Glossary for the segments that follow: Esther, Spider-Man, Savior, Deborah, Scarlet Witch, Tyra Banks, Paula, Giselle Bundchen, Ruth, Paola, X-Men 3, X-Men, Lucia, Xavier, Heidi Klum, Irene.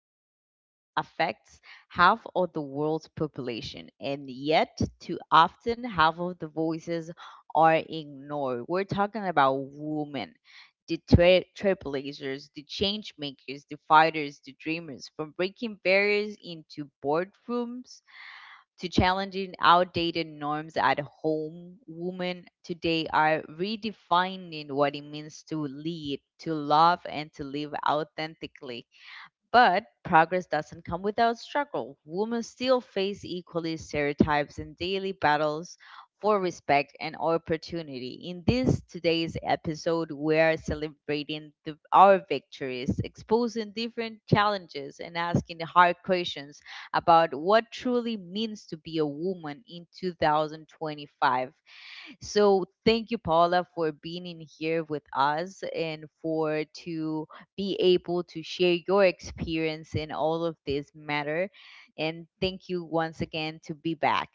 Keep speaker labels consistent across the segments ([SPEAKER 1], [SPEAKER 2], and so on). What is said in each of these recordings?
[SPEAKER 1] acts as affects half of the world's population, and yet, too often, half of the voices are ignored. We're talking about women, the trailblazers, the change makers, the fighters, the dreamers. From breaking barriers into boardrooms to challenging outdated norms at home, women today are redefining what it means to lead, to love, and to live authentically. But progress doesn't come without struggle. Women still face equally stereotypes and daily battles for respect and opportunity. In this today's episode, we are celebrating our victories, exposing different challenges, and asking the hard questions about what truly means to be a woman in 2025. So thank you, Paula, for being in here with us and for to be able to share your experience in all of this matter. And thank you once again to be back.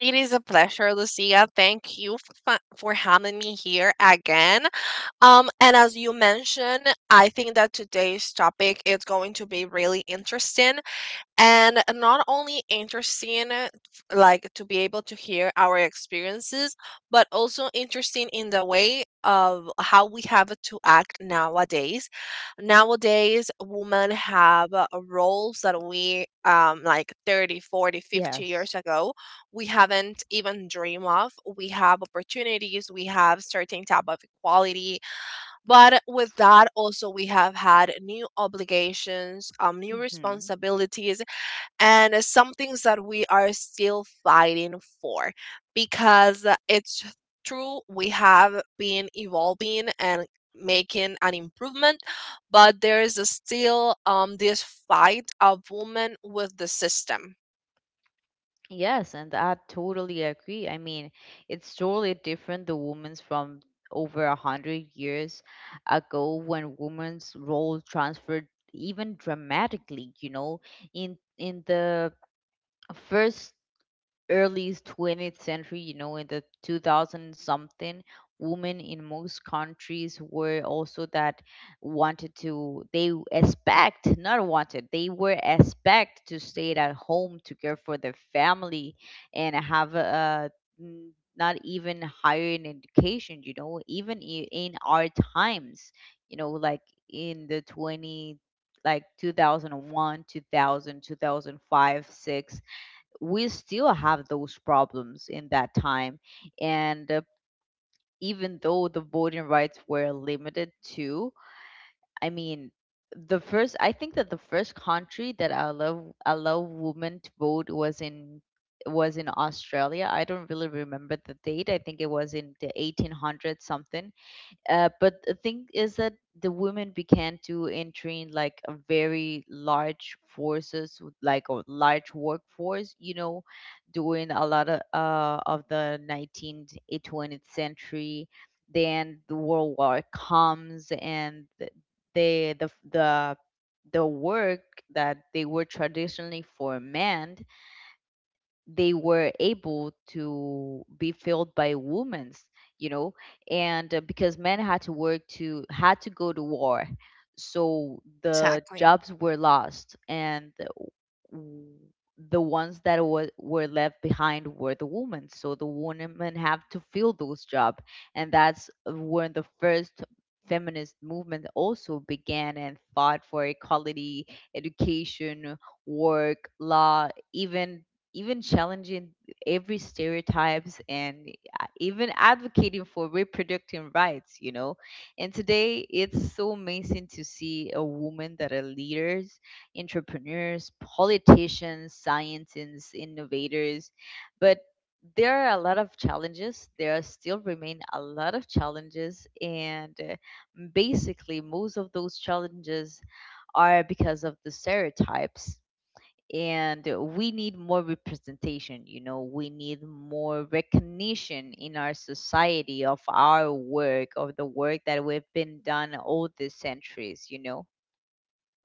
[SPEAKER 2] It is a pleasure, Lucia. Thank you for having me here again. And as you mentioned, I think that today's topic is going to be really interesting, and not only interesting like to be able to hear our experiences, but also interesting in the way of how we have to act nowadays. Women have roles that we, like, 30, 40, fifty
[SPEAKER 1] Yes.
[SPEAKER 2] years ago we haven't even dream of. We have opportunities, we have certain type of equality, but
[SPEAKER 1] Yes.
[SPEAKER 2] with that also we have had new obligations, new
[SPEAKER 1] Hmm.
[SPEAKER 2] responsibilities, and it's some things that we are still fighting for. Because it's true, we have been evolving and making an improvement, but there is still this fight of women with the system.
[SPEAKER 1] Yes, and I totally agree. I mean, it's totally different the women's from over a hundred years ago, when women's role transferred even dramatically, you know, in the first early 20th century, you know, in the 2000 something, women in most countries were also that wanted to, they expect, not wanted, they were expect to stay at home to care for their family and have a, not even higher an education, you know, even in our times, you know, like in the 20, like 2001, 2000, 2005, 6, we still have those problems in that time. And even though the voting rights were limited to, I mean, the first, I think that the first country that allow women to vote was in Australia. I don't really remember the date. I think it was in the 1800 something. But the thing is that the women began to enter in like a very large forces with, like a large workforce, you know, during a lot of the 19th 20th century. Then the world war comes and the the the, the work that they were traditionally for men, they were able to be filled by women's, you know. And because men had to had to go to war, so the
[SPEAKER 2] Exactly.
[SPEAKER 1] jobs were lost and w- the ones that were left behind were the women, so the women have to fill those jobs. And that's when the first feminist movement also began and fought for equality, education, work law, even even challenging every stereotypes, and even advocating for reproductive rights, you know. And today it's so amazing to see a woman that are leaders, entrepreneurs, politicians, scientists, innovators. But there are a lot of challenges, there are still remain a lot of challenges, and basically most of those challenges are because of the stereotypes. And we need more representation, you know, we need more recognition in our society of our work, of the work that we've been done all these centuries, you know.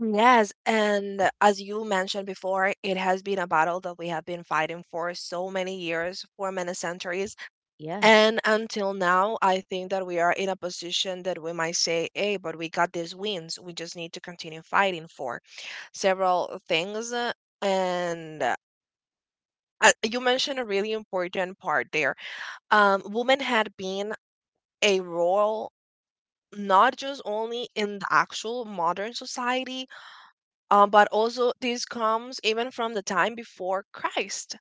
[SPEAKER 2] Yes, and as you mentioned before, it has been a battle that we have been fighting for so many years, for many centuries.
[SPEAKER 1] Yes.
[SPEAKER 2] And until now, I think that we are in a position that we might say, hey, but we got these wins. We just need to continue fighting for several things. And You mentioned a really important part there. Women had been a role not just only in the actual modern society, but also this comes even from the time before Christ.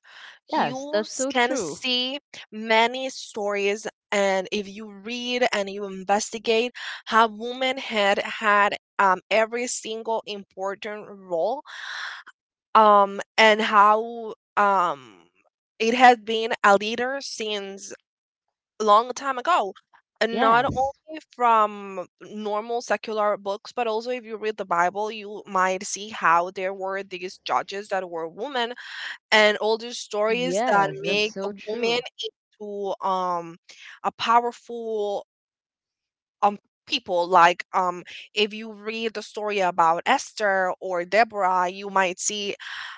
[SPEAKER 1] Yes,
[SPEAKER 2] You
[SPEAKER 1] that's so
[SPEAKER 2] can
[SPEAKER 1] true.
[SPEAKER 2] see many stories, and if you read and you investigate how women had had every single important role, and how it has been a leader since a long time ago. And not
[SPEAKER 1] Yes.
[SPEAKER 2] only from normal secular books, but also if you read the Bible, you might see how there were these judges that were women, and all these stories that
[SPEAKER 1] Yes, that's
[SPEAKER 2] make a
[SPEAKER 1] so
[SPEAKER 2] woman
[SPEAKER 1] true.
[SPEAKER 2] into a powerful um people. If you read the story about Esther or Deborah, you might see,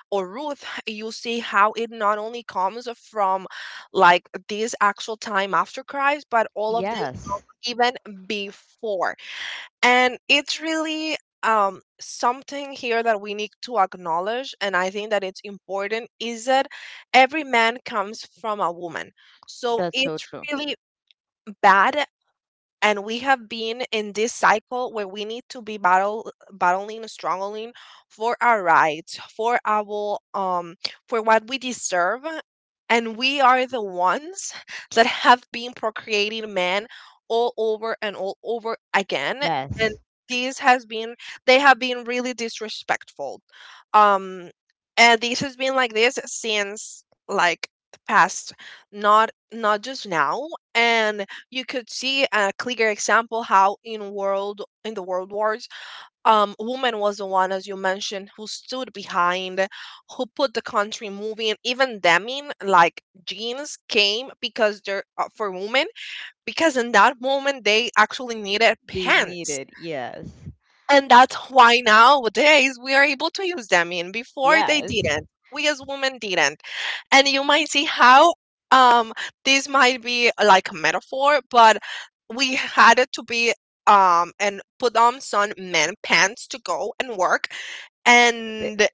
[SPEAKER 2] or Ruth, you see how it not only comes from like this actual time after Christ, but all of this
[SPEAKER 1] Yes,
[SPEAKER 2] even before. And it's really, something here that we need to acknowledge, and I think that it's important is that every man comes from a woman. So
[SPEAKER 1] that's so
[SPEAKER 2] it's
[SPEAKER 1] true.
[SPEAKER 2] really bad. And we have been in this cycle where we need to be battle battling, struggling, for our rights, for our for what we deserve. And we are the ones that have been procreating men all over and all over again. And
[SPEAKER 1] Yes.
[SPEAKER 2] this has been, they have been really disrespectful, um and this has been like this since like the past, not just now. And you could see a clear example how in the world wars, woman was the one, as you mentioned, who stood behind, who put the country moving. Even deming, like, jeans came because they're for women, because in that moment they actually needed
[SPEAKER 1] They need
[SPEAKER 2] pants,
[SPEAKER 1] it, yes.
[SPEAKER 2] and that's why nowadays we are able to use them in. Before they
[SPEAKER 1] Yes.
[SPEAKER 2] didn't. We as women didn't. And you might see how um this might be like a metaphor, but we had it to be and put on some men pants to go and work and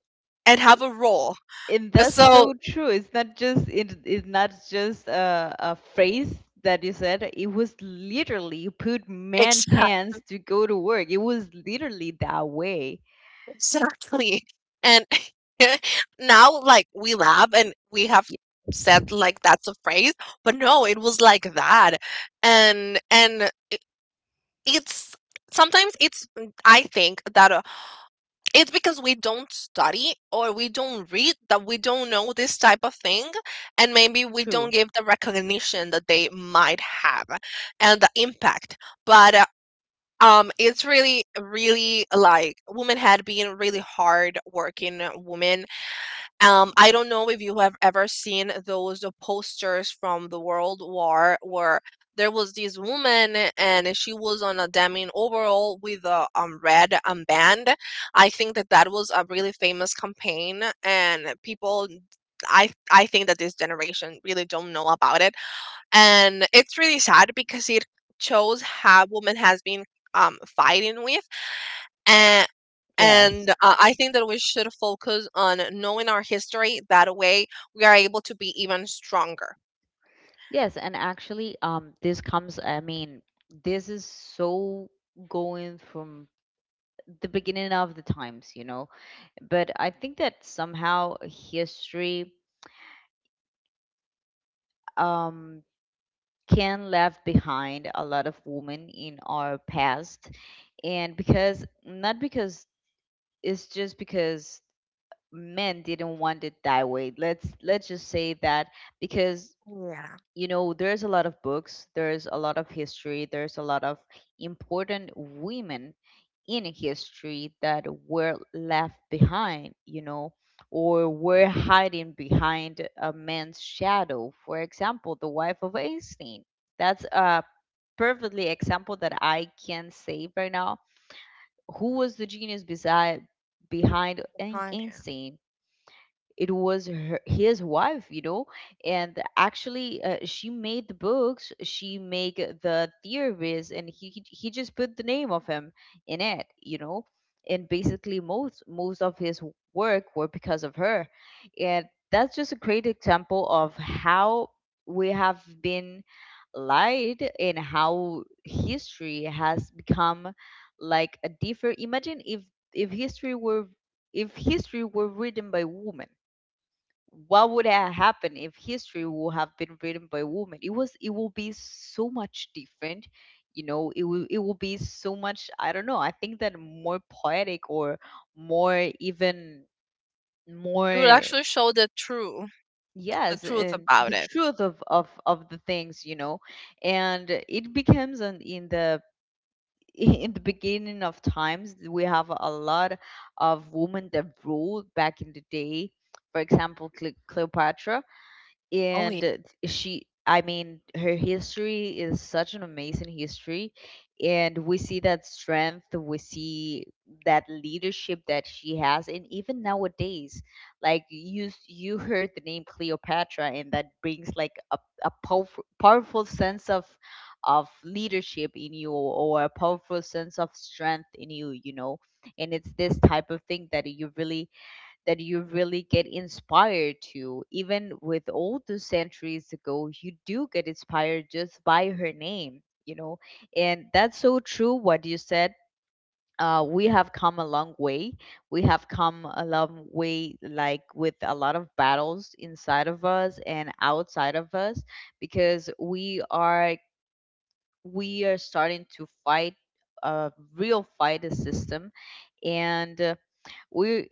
[SPEAKER 2] and have a role.
[SPEAKER 1] And that's
[SPEAKER 2] So
[SPEAKER 1] so true. It's not just it, it's not just a phrase that you said. It was literally you put man pants to go to work. It was literally that way.
[SPEAKER 2] exactly. And now, like, we laugh and we have
[SPEAKER 1] Yes,
[SPEAKER 2] said, like, that's a phrase, but no, it was like that. And it's sometimes I think that it's because we don't study or we don't read that we don't know this type of thing. And maybe we don't
[SPEAKER 1] true.
[SPEAKER 2] give the recognition that they might have and the impact. But, it's really, really like women had been really hard working women. I don't know if you have ever seen those posters from the World War where there was this woman and she was on a denim overall with a red band. I think that that was a really famous campaign, and people. I think that this generation really don't know about it, and it's really sad because it shows how women has been, fighting with, and
[SPEAKER 1] Yes.
[SPEAKER 2] and I think that we should focus on knowing our history, that way we are able to be even stronger.
[SPEAKER 1] Yes, and actually, this comes, I mean, this is so going from the beginning of the times, you know. But I think that somehow history, um, can left behind a lot of women in our past, and because not because it's just because men didn't want it that way, let's just say that. Because,
[SPEAKER 2] Yeah.
[SPEAKER 1] you know, there's a lot of books, there's a lot of history, there's a lot of important women in history that were left behind, you know, or were hiding behind a man's shadow. For example, the wife of Einstein, that's a perfectly example that I can say right now. Who was the genius beside behind
[SPEAKER 2] Right, yeah.
[SPEAKER 1] Einstein? It was her, his wife, you know. And actually she made the books, she made the theories, and he just put the name of him in it, you know. And basically most of his work were because of her. And that's just a great example of how we have been lied and how history has become like a different. Imagine if if history were if history were written by women, what would have happened if history would have been written by women? It was it will be so much different, you know. It will be so much, I don't know. I think that more poetic or more even
[SPEAKER 2] It will
[SPEAKER 1] more.
[SPEAKER 2] actually show the truth. The
[SPEAKER 1] Yes,
[SPEAKER 2] truth
[SPEAKER 1] and
[SPEAKER 2] about
[SPEAKER 1] the
[SPEAKER 2] it.
[SPEAKER 1] truth of of the things, you know. And it becomes an, in the in the beginning of times we have a lot of women that ruled back in the day. For example, Cleopatra.
[SPEAKER 2] Oh yeah.
[SPEAKER 1] And she, I mean, her history is such an amazing history, and we see that strength, we see that leadership that she has. And even nowadays, like you you heard the name Cleopatra and that brings like a powerful, powerful sense of leadership in you, or a powerful sense of strength in you, you know. And it's this type of thing that you really get inspired to. Even with all those centuries ago, you do get inspired just by her name, you know. And that's so true what you said. We have come a long way. We have come a long way, like with a lot of battles inside of us and outside of us, because we are starting to fight a real fight, a system. And we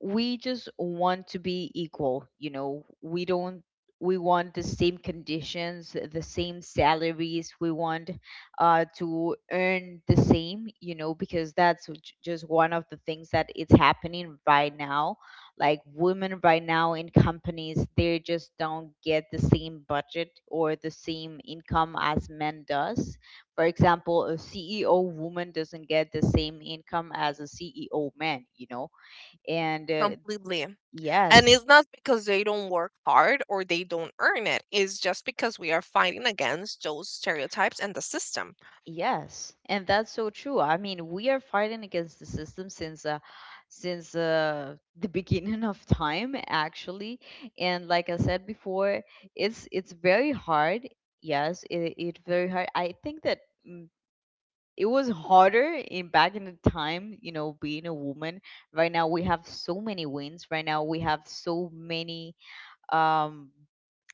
[SPEAKER 1] just want to be equal, you know, we don't we want the same conditions, the same salaries, we want to earn the same, you know, because that's just one of the things that it's happening right now. Like women right now in companies, they just don't get the same budget or the same income as men does. For example, a CEO woman doesn't get the same income as a CEO man, you know. And
[SPEAKER 2] Completely. And
[SPEAKER 1] yes.
[SPEAKER 2] it's not because they don't work hard or they don't earn it. It's just because we are fighting against those stereotypes and the system.
[SPEAKER 1] Yes, and that's so true. I mean, we are fighting against the system since the beginning of time, actually. And like I said before, it's very hard. Yes, it very hard. I think that. mm, It was harder in back in the time, you know, being a woman. Right now we have so many wins. Right now we have so many um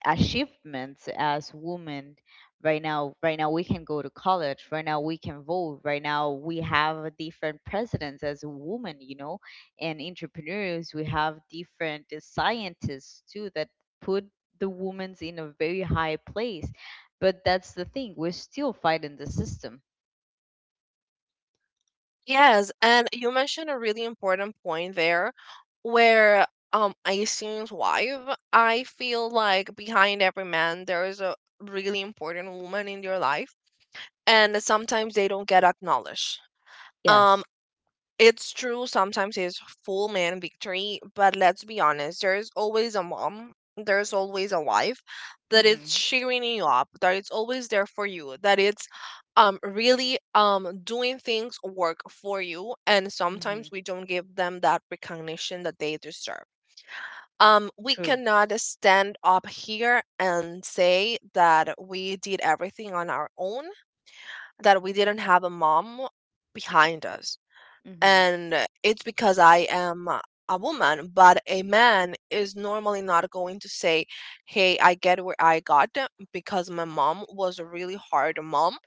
[SPEAKER 1] achievements as women. Right now we can go to college, right now we can vote, right now we have different presidents as a woman, you know, and entrepreneurs. We have different scientists too that put the women's in a very high place. But that's the thing, we're still fighting the system.
[SPEAKER 2] Yes, and you mentioned a really important point there where I seen's wife, I feel like behind every man there is a really important woman in your life, and sometimes they don't get acknowledged. Um
[SPEAKER 1] Yes.
[SPEAKER 2] It's true, sometimes it's full man victory, but let's be honest, there's always a mom, there's always a wife that is
[SPEAKER 1] Mm-hmm.
[SPEAKER 2] cheering you up, that it's always there for you, that it's really doing things work for you, and sometimes
[SPEAKER 1] Mm-hmm.
[SPEAKER 2] we don't give them that recognition that they deserve. We
[SPEAKER 1] True.
[SPEAKER 2] cannot stand up here and say that we did everything on our own, that we didn't have a mom behind us.
[SPEAKER 1] Mm-hmm.
[SPEAKER 2] And it's because I am a woman, but a man is normally not going to say, hey, I get where I got because my mom was a really hard mom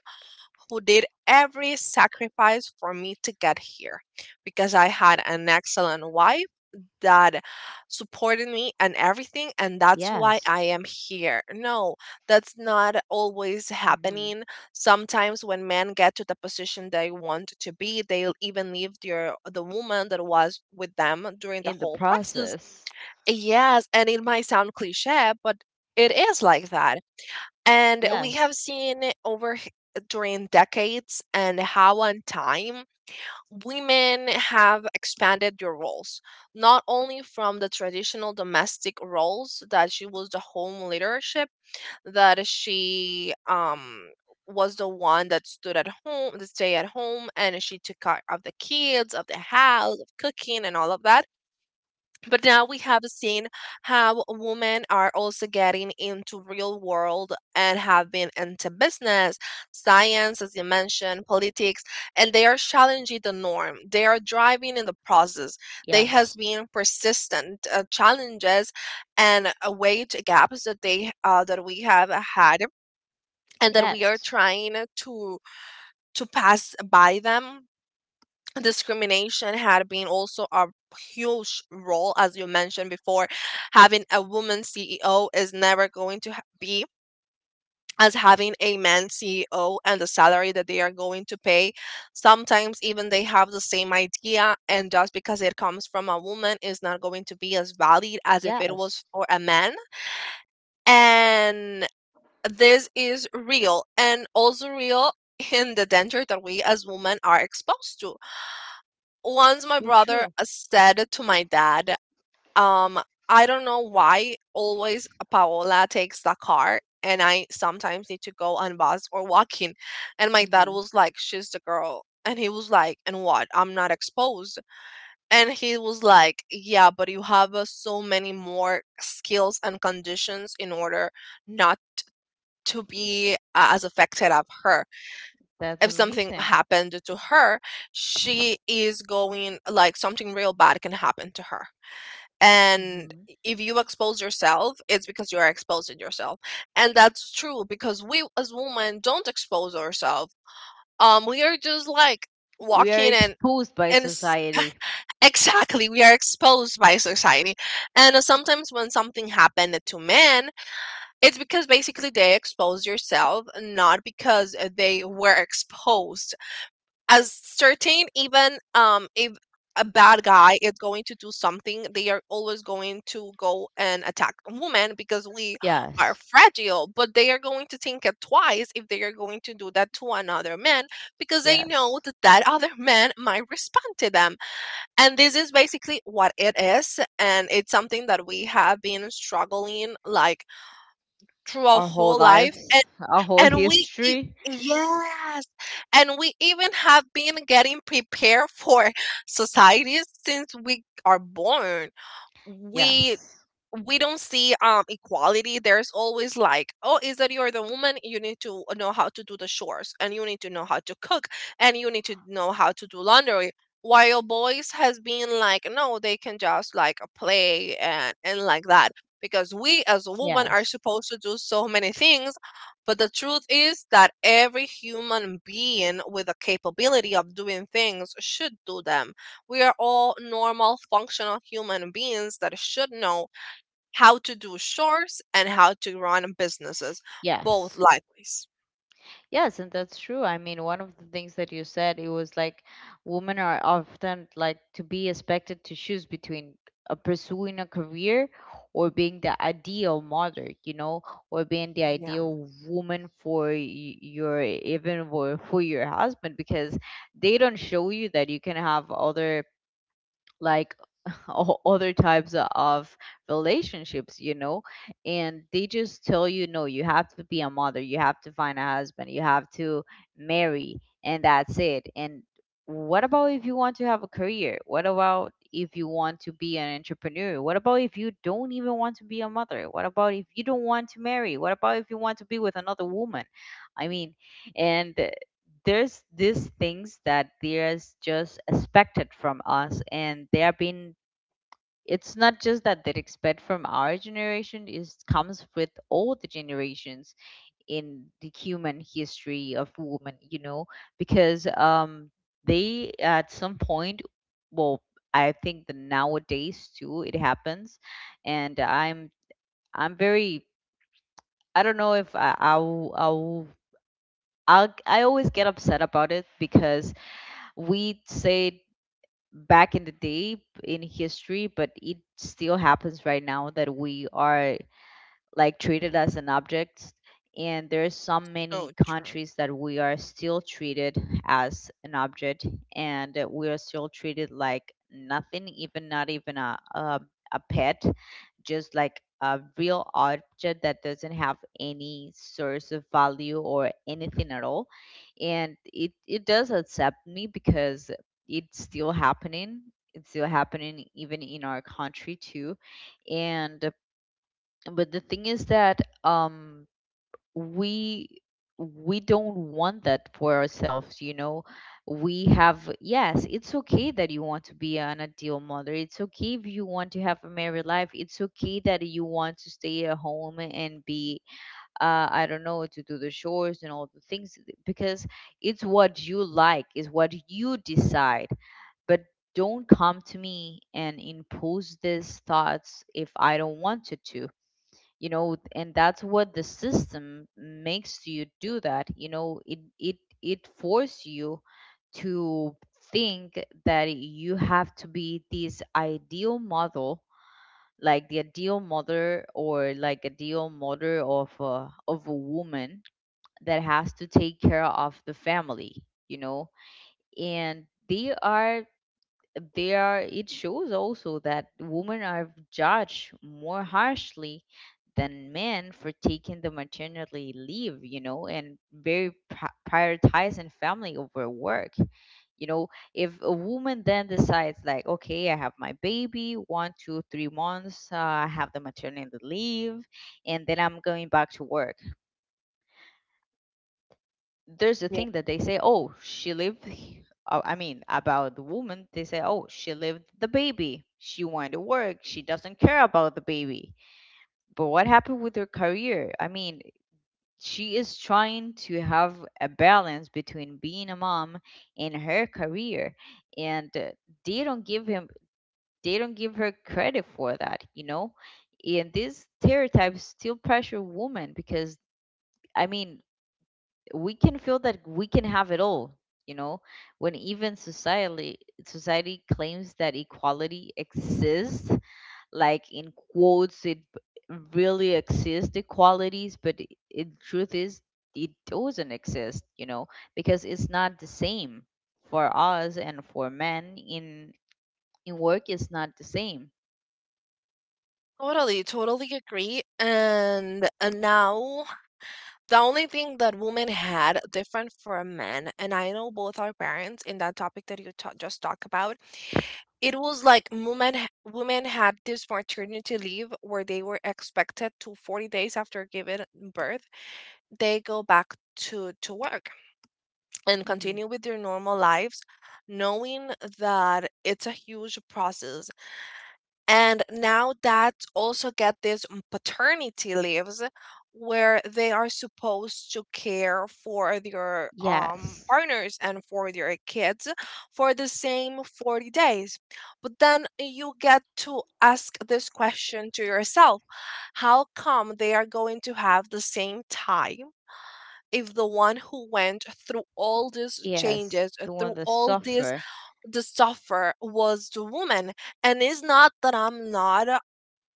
[SPEAKER 2] who did every sacrifice for me to get here, because I had an excellent wife that supported me and everything, and that's why
[SPEAKER 1] Yes.
[SPEAKER 2] I am here. No, that's not always
[SPEAKER 1] Mm-hmm.
[SPEAKER 2] happening. Sometimes when men get to the position they want to be, they'll even leave the woman that was with them during the
[SPEAKER 1] In the
[SPEAKER 2] whole process.
[SPEAKER 1] process.
[SPEAKER 2] Yes, and it might sound cliche, but it is like that. And we have
[SPEAKER 1] Yes.
[SPEAKER 2] seen it during decades, and how on time women have expanded their roles, not only from the traditional domestic roles that she was the home leadership, that she was the one that stood at home, that stay at home, and she took care of the kids, of the house, of cooking, and all of that. But now we have seen how women are also getting into real world and have been into business, science, as you mentioned, politics, and they are challenging the norm. They are driving in the process. They has
[SPEAKER 1] Yes.
[SPEAKER 2] been persistent challenges and wage gaps that they that we have had, and that we are
[SPEAKER 1] Yes.
[SPEAKER 2] trying to pass by them. Discrimination had been also a huge role, as you mentioned before. Having a woman CEO is never going to be as having a man CEO, and the salary that they are going to pay. Sometimes even they have the same idea, and just because it comes from a woman is not going to be as valid as if it was
[SPEAKER 1] Yes.
[SPEAKER 2] for a man. And this is real, and also real in the danger that we as women are exposed to. Once my
[SPEAKER 1] So
[SPEAKER 2] brother
[SPEAKER 1] true.
[SPEAKER 2] said to my dad, um, I don't know why always Paola takes the car and I sometimes need to go on bus or walking. And my dad
[SPEAKER 1] Hmm.
[SPEAKER 2] was like, she's the girl. And he was like, and what? I'm not exposed. And he was like, yeah, but you have so many more skills and conditions in order not to be as affected of her.
[SPEAKER 1] That's
[SPEAKER 2] If something
[SPEAKER 1] amazing.
[SPEAKER 2] happened to her, she is going, like, something real bad can happen to her. And
[SPEAKER 1] Hmm.
[SPEAKER 2] if you expose yourself, it's because you are exposing yourself. And that's true, because we as women don't expose ourselves. We are just like
[SPEAKER 1] We are
[SPEAKER 2] walking and
[SPEAKER 1] exposed by
[SPEAKER 2] and s-
[SPEAKER 1] society.
[SPEAKER 2] exactly, we are exposed by society. And sometimes when something happened to men, it's because basically they exposed yourself, not because they were exposed as certain. Even if a bad guy is going to do something, they are always going to go and attack a woman because we are
[SPEAKER 1] Yes.
[SPEAKER 2] fragile, but they are going to think it twice if they are going to do that to another man, because they
[SPEAKER 1] Yes.
[SPEAKER 2] know that that other man might respond to them. And this is basically what it is, and it's something that we have been struggling like through our
[SPEAKER 1] Our whole
[SPEAKER 2] whole life.
[SPEAKER 1] lives, our whole
[SPEAKER 2] And we e
[SPEAKER 1] history.
[SPEAKER 2] yes, and we even have been getting prepared for societies since we are born. We
[SPEAKER 1] Yes.
[SPEAKER 2] we don't see equality. There's always like, oh, is that you're the woman, you need to know how to do the chores, and you need to know how to cook, and you need to know how to do laundry, while boys has been like, no, they can just like play and like that, because we as a woman are
[SPEAKER 1] Yes.
[SPEAKER 2] supposed to do so many things. But the truth is that every human being with the capability of doing things should do them. We are all normal functional human beings that should know how to do chores and how to run businesses, both
[SPEAKER 1] Yes.
[SPEAKER 2] likewise.
[SPEAKER 1] Yes, and that's true. I mean, one of the things that you said, it was like women are often like to be expected to choose between pursuing a career or being the ideal mother, you know, or being the
[SPEAKER 2] Yeah.
[SPEAKER 1] ideal woman for your, even for your husband. Because they don't show you that you can have other like other types of relationships, you know. And they just tell you, no, you have to be a mother, you have to find a husband, you have to marry, and that's it. And what about if you want to have a career, what about if you want to be an entrepreneur, what about if you don't even want to be a mother, what about if you don't want to marry, what about if you want to be with another woman? I mean, and there's these things that there's just expected from us, and they have been, it's not just that they expect from our generation, it comes with all the generations in the human history of women, you know. Because they at some point, well, I think that nowadays too it happens. And I'm very, I don't know if I'll I always get upset about it. Because we said back in the day in history, but it still happens right now that we are like treated as an object. And there's so
[SPEAKER 2] So
[SPEAKER 1] many
[SPEAKER 2] true.
[SPEAKER 1] countries that we are still treated as an object. And we are still treated like nothing, even not even a pet, just like a real object that doesn't have any source of value or anything at all. And it does upset me because it's still happening, it's still happening even in our country too. And But the thing is that we we don't want that for ourselves, you know. We have, yes, it's okay that you want to be an ideal mother. It's okay if you want to have a married life. It's okay that you want to stay at home and be, I don't know, to do the chores and all the things. Because it's what you like is what you decide. But don't come to me and impose these thoughts if I don't want you to. You know, and that's what the system makes you do, that, it force you to think that you have to be this ideal model. Like the ideal mother, or like ideal mother of a woman that has to take care of the family, you know. And they are it shows also that women are judged more harshly than men for taking the maternity leave, you know, and very prioritizing family over work, you know. If a woman then decides like, okay, I have my baby 1, 2, 3 months, I have the maternity leave, and then I'm going back to work. There's a thing that they say, oh, I mean, about the woman they say, oh, she lived the baby, she wanted to work, she doesn't care about the baby. But what happened with her career? I mean, she is trying to have a balance between being a mom and her career. And they don't give him they don't give her credit for that, you know. And these stereotypes still pressure women because, I mean, we can feel that we can have it all, you know, when even society, society claims that equality exists, like in quotes it really exists, equalities, but in truth is, it doesn't exist, you know. Because it's not the same for us and for men, in work it's not the same.
[SPEAKER 2] Totally, totally agree. And now the only thing that women had different from men, and I know both our parents in that topic that just talked about, it was like women had this maternity leave where they were expected to 40 days after giving birth, they go back to work and
[SPEAKER 1] Hmm.
[SPEAKER 2] continue with your normal lives, knowing that it's a huge process. And now that also get these paternity leaves where they are supposed to care for their
[SPEAKER 1] Yes.
[SPEAKER 2] partners and for their kids for the same 40 days. But then you get to ask this question to yourself, how come they are going to have the same time? If the one who went through all these
[SPEAKER 1] Yes,
[SPEAKER 2] changes,
[SPEAKER 1] the one
[SPEAKER 2] through
[SPEAKER 1] that
[SPEAKER 2] all this,
[SPEAKER 1] suffer.
[SPEAKER 2] the suffer was the woman. And it's not that I'm not uh,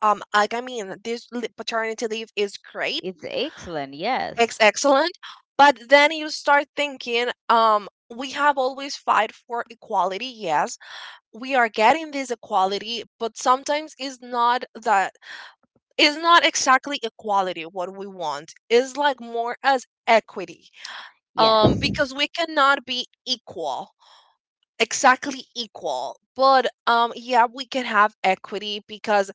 [SPEAKER 2] um like I mean, paternity leave is great,
[SPEAKER 1] It's excellent, yes.
[SPEAKER 2] it's excellent, but then you start thinking, we have always fight for equality. Yes, we are getting this equality, but sometimes it's not that. It's not exactly equality what we want, it's like more as equity,
[SPEAKER 1] Yes.
[SPEAKER 2] because we cannot be equal, exactly equal, but yeah, we can have equity because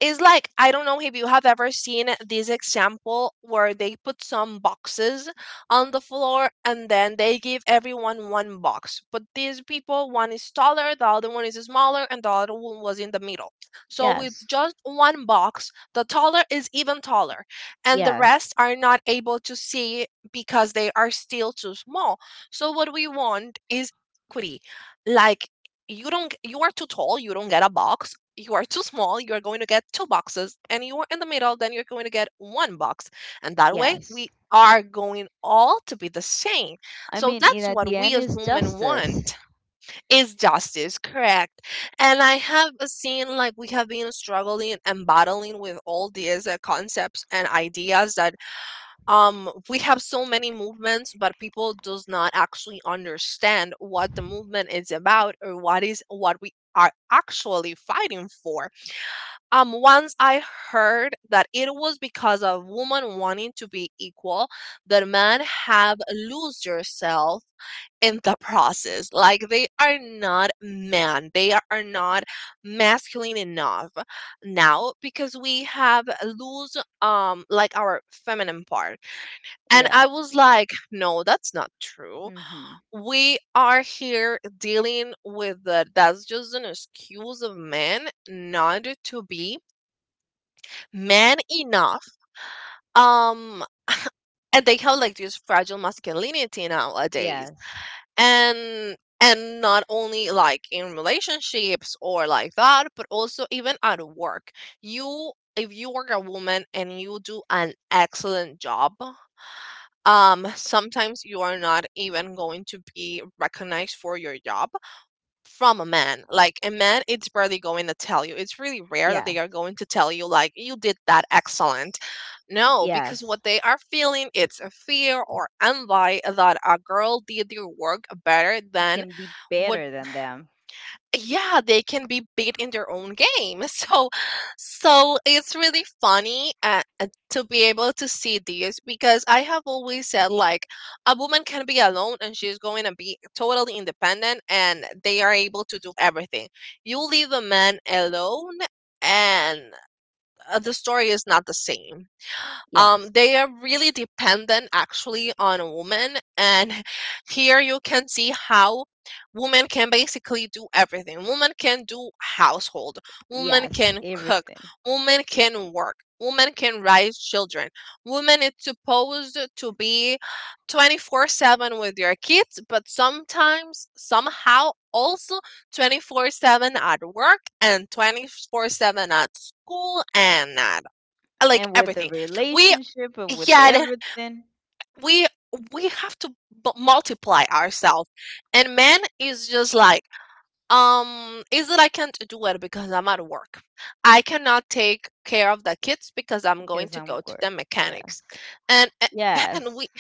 [SPEAKER 2] it's like, I don't know if you have ever seen this example where they put some boxes on the floor and then they give everyone one box. But these people, one is taller, the other one is smaller, and the other one was in the middle. So with
[SPEAKER 1] Yes.
[SPEAKER 2] just one box, the taller is even taller, and the
[SPEAKER 1] Yes.
[SPEAKER 2] rest are not able to see because they are still too small. So what we want is equity. Like, you don't g- you are too tall, you don't get a box. You are too small, you are going to get two boxes. And you are in the middle, then you're going to get one box. And that way
[SPEAKER 1] Yes.
[SPEAKER 2] we are going all to be the same.
[SPEAKER 1] I
[SPEAKER 2] So
[SPEAKER 1] mean, in
[SPEAKER 2] that's
[SPEAKER 1] at
[SPEAKER 2] what
[SPEAKER 1] the
[SPEAKER 2] we
[SPEAKER 1] end
[SPEAKER 2] as
[SPEAKER 1] is
[SPEAKER 2] women
[SPEAKER 1] justice.
[SPEAKER 2] want, is justice, correct? And I have seen, like, we have been struggling and battling with all these concepts and ideas, that we have so many movements but people does not actually understand what the movement is about, or what is what we are actually fighting for. Once I heard that it was because of woman wanting to be equal that men have lose themselves in the process, like they are not man, they are not masculine enough now because we have lose like our feminine part. And
[SPEAKER 1] Yeah.
[SPEAKER 2] I was like, no, that's not true.
[SPEAKER 1] Mm-hmm.
[SPEAKER 2] We are here dealing with the, that's just an excuse of men not to be man enough. Um, and they have like this fragile masculinity nowadays.
[SPEAKER 1] Yes.
[SPEAKER 2] And not only like in relationships or like that, but also even at work. You, if you are a woman and you do an excellent job, sometimes you are not even going to be recognized for your job from a man. Like a man, it's barely going to tell you. It's really rare that
[SPEAKER 1] Yeah.
[SPEAKER 2] they are going to tell you, like, you did that excellent. No, because
[SPEAKER 1] Yes.
[SPEAKER 2] what they are feeling, it's a fear or envy that a girl did your work better
[SPEAKER 1] You
[SPEAKER 2] than
[SPEAKER 1] can be
[SPEAKER 2] what.
[SPEAKER 1] better than them.
[SPEAKER 2] Yeah, they can be beat in their own game. So it's really funny, to be able to see this because I have always said, like, a woman can be alone and she's going to be totally independent and they are able to do everything. You leave a man alone, and the story is not the same.
[SPEAKER 1] Yes.
[SPEAKER 2] They are really dependent actually on a woman. And here you can see how women can basically do everything. Women can do household, women
[SPEAKER 1] Yes.
[SPEAKER 2] can cook,
[SPEAKER 1] Everything.
[SPEAKER 2] women can work, women can raise children. Women is supposed to be 24/7 with your kids, but sometimes somehow also 24/7 at work, and 24/7 at school, and at, like,
[SPEAKER 1] And with the
[SPEAKER 2] everything. we
[SPEAKER 1] relationship and with
[SPEAKER 2] yeah, then
[SPEAKER 1] everything,
[SPEAKER 2] we we have to multiply ourselves, and man is just like, is that, I can't do it because I'm at work. I cannot take care of the kids because I'm going
[SPEAKER 1] because
[SPEAKER 2] to
[SPEAKER 1] I'm
[SPEAKER 2] go to
[SPEAKER 1] good.
[SPEAKER 2] the
[SPEAKER 1] Yeah.
[SPEAKER 2] mechanics, and a- and we
[SPEAKER 1] Yes.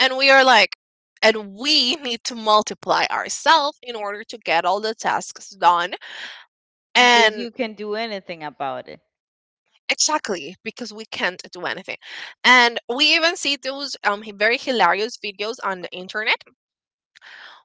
[SPEAKER 2] and we are like, and we need to multiply ourselves in order to get all the tasks done,
[SPEAKER 1] Because
[SPEAKER 2] and
[SPEAKER 1] you can do anything about it.
[SPEAKER 2] exactly because we can't do anything. And we even see those very hilarious videos on the internet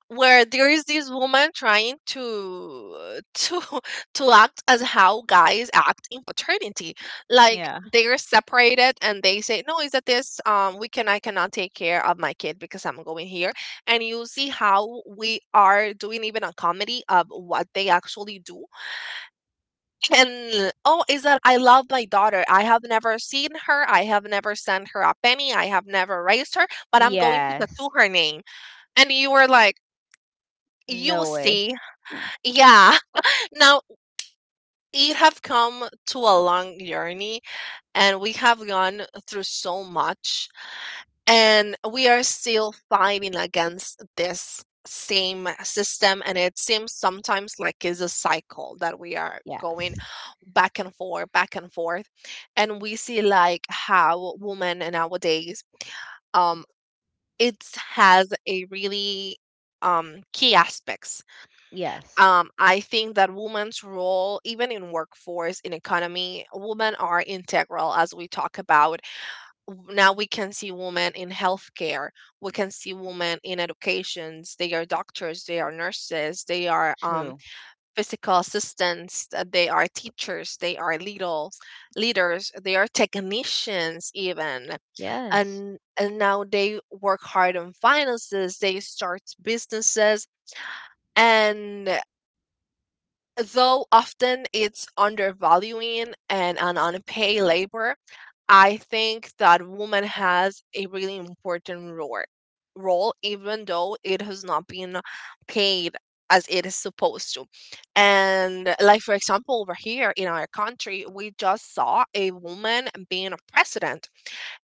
[SPEAKER 2] where there is this woman trying to to act as how guys act in paternity, like
[SPEAKER 1] Yeah.
[SPEAKER 2] they're separated and they say, no, is that this, we can, I cannot take care of my kid because I'm going here. And you see how we are doing even a comedy of what they actually do. And, oh, is that I love my daughter, I have never seen her, I have never sent her a penny, I have never raised her, but I'm going to tattoo
[SPEAKER 1] Yes.
[SPEAKER 2] her name. And you were like, you
[SPEAKER 1] No way.
[SPEAKER 2] see.
[SPEAKER 1] Huh.
[SPEAKER 2] Yeah. Now we have come to a long journey, and we have gone through so much, and we are still fighting against this same system, and it seems sometimes like it's a cycle that we are going
[SPEAKER 1] Yes.
[SPEAKER 2] back and forth, back and forth. And we see like how women nowadays, um it has a really key aspects.
[SPEAKER 1] Yes.
[SPEAKER 2] I think that women's role, even in workforce, in economy, women are integral, as we talk about. Now we can see women in healthcare, we can see women in educations. They are doctors, they are nurses, they are
[SPEAKER 1] True.
[SPEAKER 2] physical assistants, they are teachers, they are little leaders, they are technicians even.
[SPEAKER 1] Yes.
[SPEAKER 2] And now they work hard on finances, they start businesses, and though often it's undervaluing and an unpaid labor, I think that woman has a really important role, role, even though it has not been paid as it is supposed to. And like, for example, over here in our country, we just saw a woman being a president.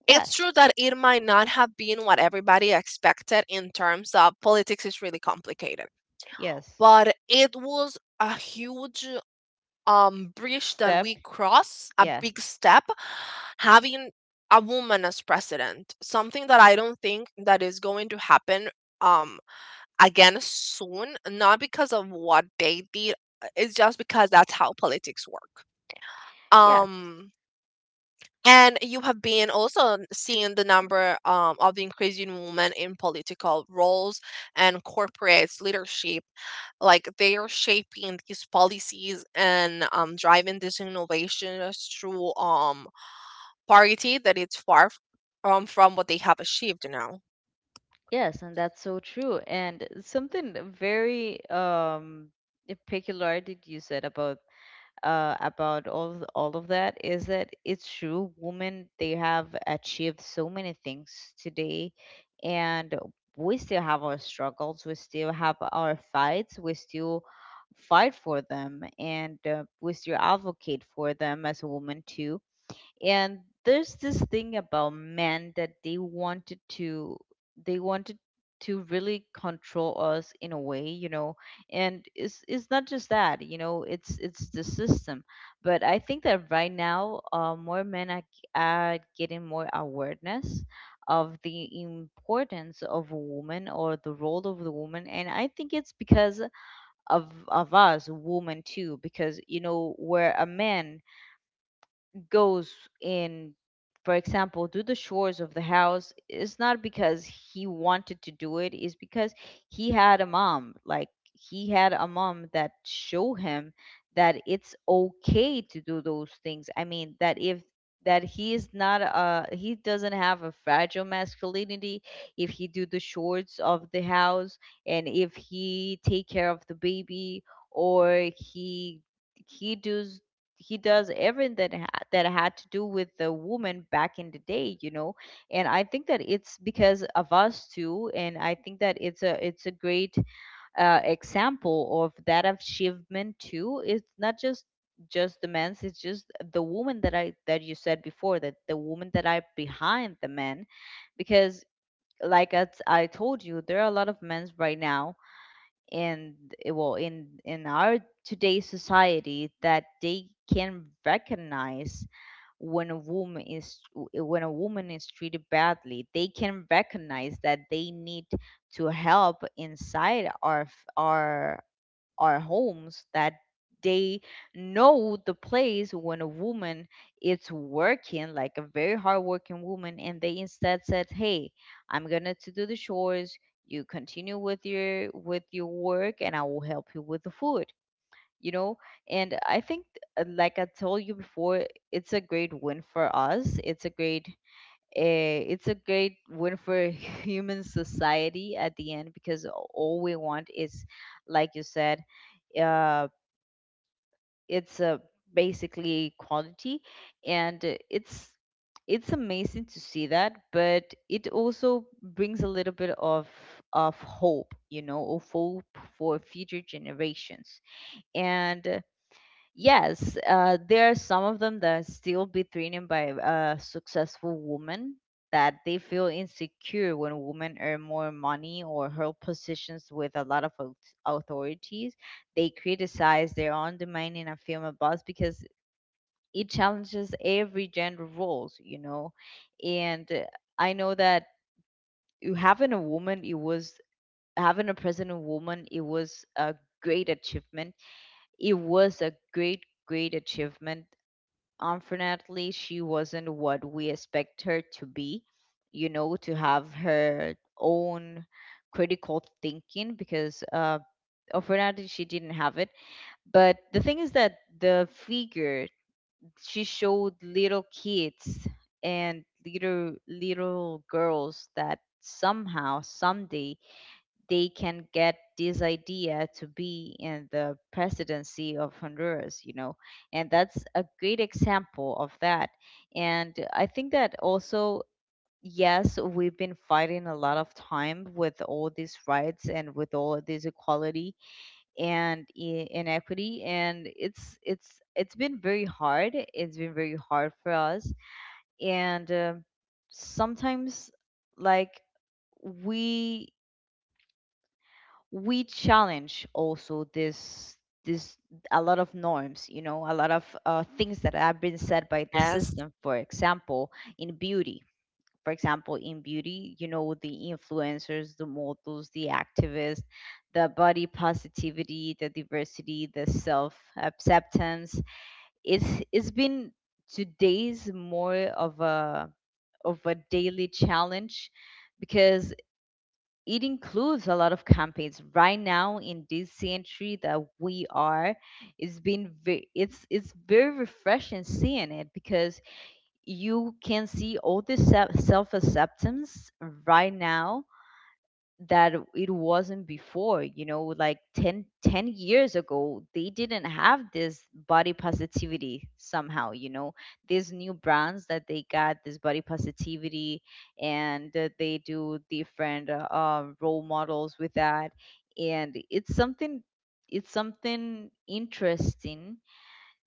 [SPEAKER 2] It's
[SPEAKER 1] Yes.
[SPEAKER 2] true that it might not have been what everybody expected. In terms of politics is really complicated,
[SPEAKER 1] Yes.
[SPEAKER 2] but it was a huge bridge that we
[SPEAKER 1] Step.
[SPEAKER 2] cross, a
[SPEAKER 1] Yes.
[SPEAKER 2] big step, having a woman as president, something that I don't think that is going to happen um again soon, not because of what they did, it's just because that's how politics work.
[SPEAKER 1] Yes.
[SPEAKER 2] um and you have been also seeing the number of increasing women in political roles and corporate leadership. Like they are shaping these policies and driving these innovations through parity, that it's from what they have achieved now.
[SPEAKER 1] Yes, and that's so true. And something very peculiar that you said about all of that is that it's true. Women, they have achieved so many things today, and we still have our struggles. We still have our fights. We still fight for them, and we still advocate for them as a woman too. And there's this thing about men that they wanted to, they wanted to really control us in a way, you know. And it's not just that, you know, it's the system. But I think that right now more men are getting more awareness of the importance of a woman, or the role of the woman. And I think it's because of us women too. Because you know, where a man goes in, for example, do the chores of the house is not because he wanted to do, it's because he had a mom. Like, he had a mom that show him that it's okay to do those things. I mean, that if, that he is not he doesn't have a fragile masculinity if he do the chores of the house, and if he take care of the baby, or he he does he does everything that that had to do with the woman back in the day, you know. And I think that it's because of us too. And I think that it's a, it's a great example of that achievement too. It's not just, just the men's, it's just the woman that I that you said before, that the woman that are behind the men. Because, like as I told you, there are a lot of men's right now. And well, in our today's society, that they can recognize when a woman is, when a woman is treated badly, they can recognize that they need to help inside our our homes, that they know the place when a woman is working, like a very hardworking woman, and they instead said, hey, I'm gonna to do the chores, you continue with your work, and I will help you with the food, you know. And I think, like I told you before, it's a great win for us. It's a great, it's a great win for human society at the end, because all we want is, like you said, uh, it's basically equality, and it's amazing to see that, but it also brings a little bit of hope, you know, of hope for future generations. And yes, there are some of them that are still be threatened by successful women, that they feel insecure when women earn more money or hold positions with a lot of authorities. They criticize their own domain in a film or boss because it challenges every gender roles, you know. And I know that you having a woman, it was having a president woman, it was a great achievement. It was a great, great achievement. Unfortunately, she wasn't what we expect her to be, you know, to have her own critical thinking, because unfortunately she didn't have it. But the thing is that the figure she showed little kids, and little girls, that somehow, someday they can get this idea to be in the presidency of Honduras, you know, and that's a great example of that. And I think that also, yes, we've been fighting a lot of time with all these rights and with all this equality and inequity, and it's it's been very hard. It's been very hard for us, and sometimes, like, we we challenge also this a lot of norms, you know, a lot of things that have been said by the
[SPEAKER 2] Yes.
[SPEAKER 1] system. For example, in beauty, for example in beauty, you know, the influencers, the models, the activists, the body positivity, the diversity, the self acceptance. It's been today's more of a, of a daily challenge, because it includes a lot of campaigns right now in this century that we are. It's very refreshing seeing it, because you can see all the self acceptance right now, that it wasn't before, you know. Like 10 years ago they didn't have this body positivity somehow, you know. These new brands that they got this body positivity, and they do different role models with that. And it's something, it's something interesting.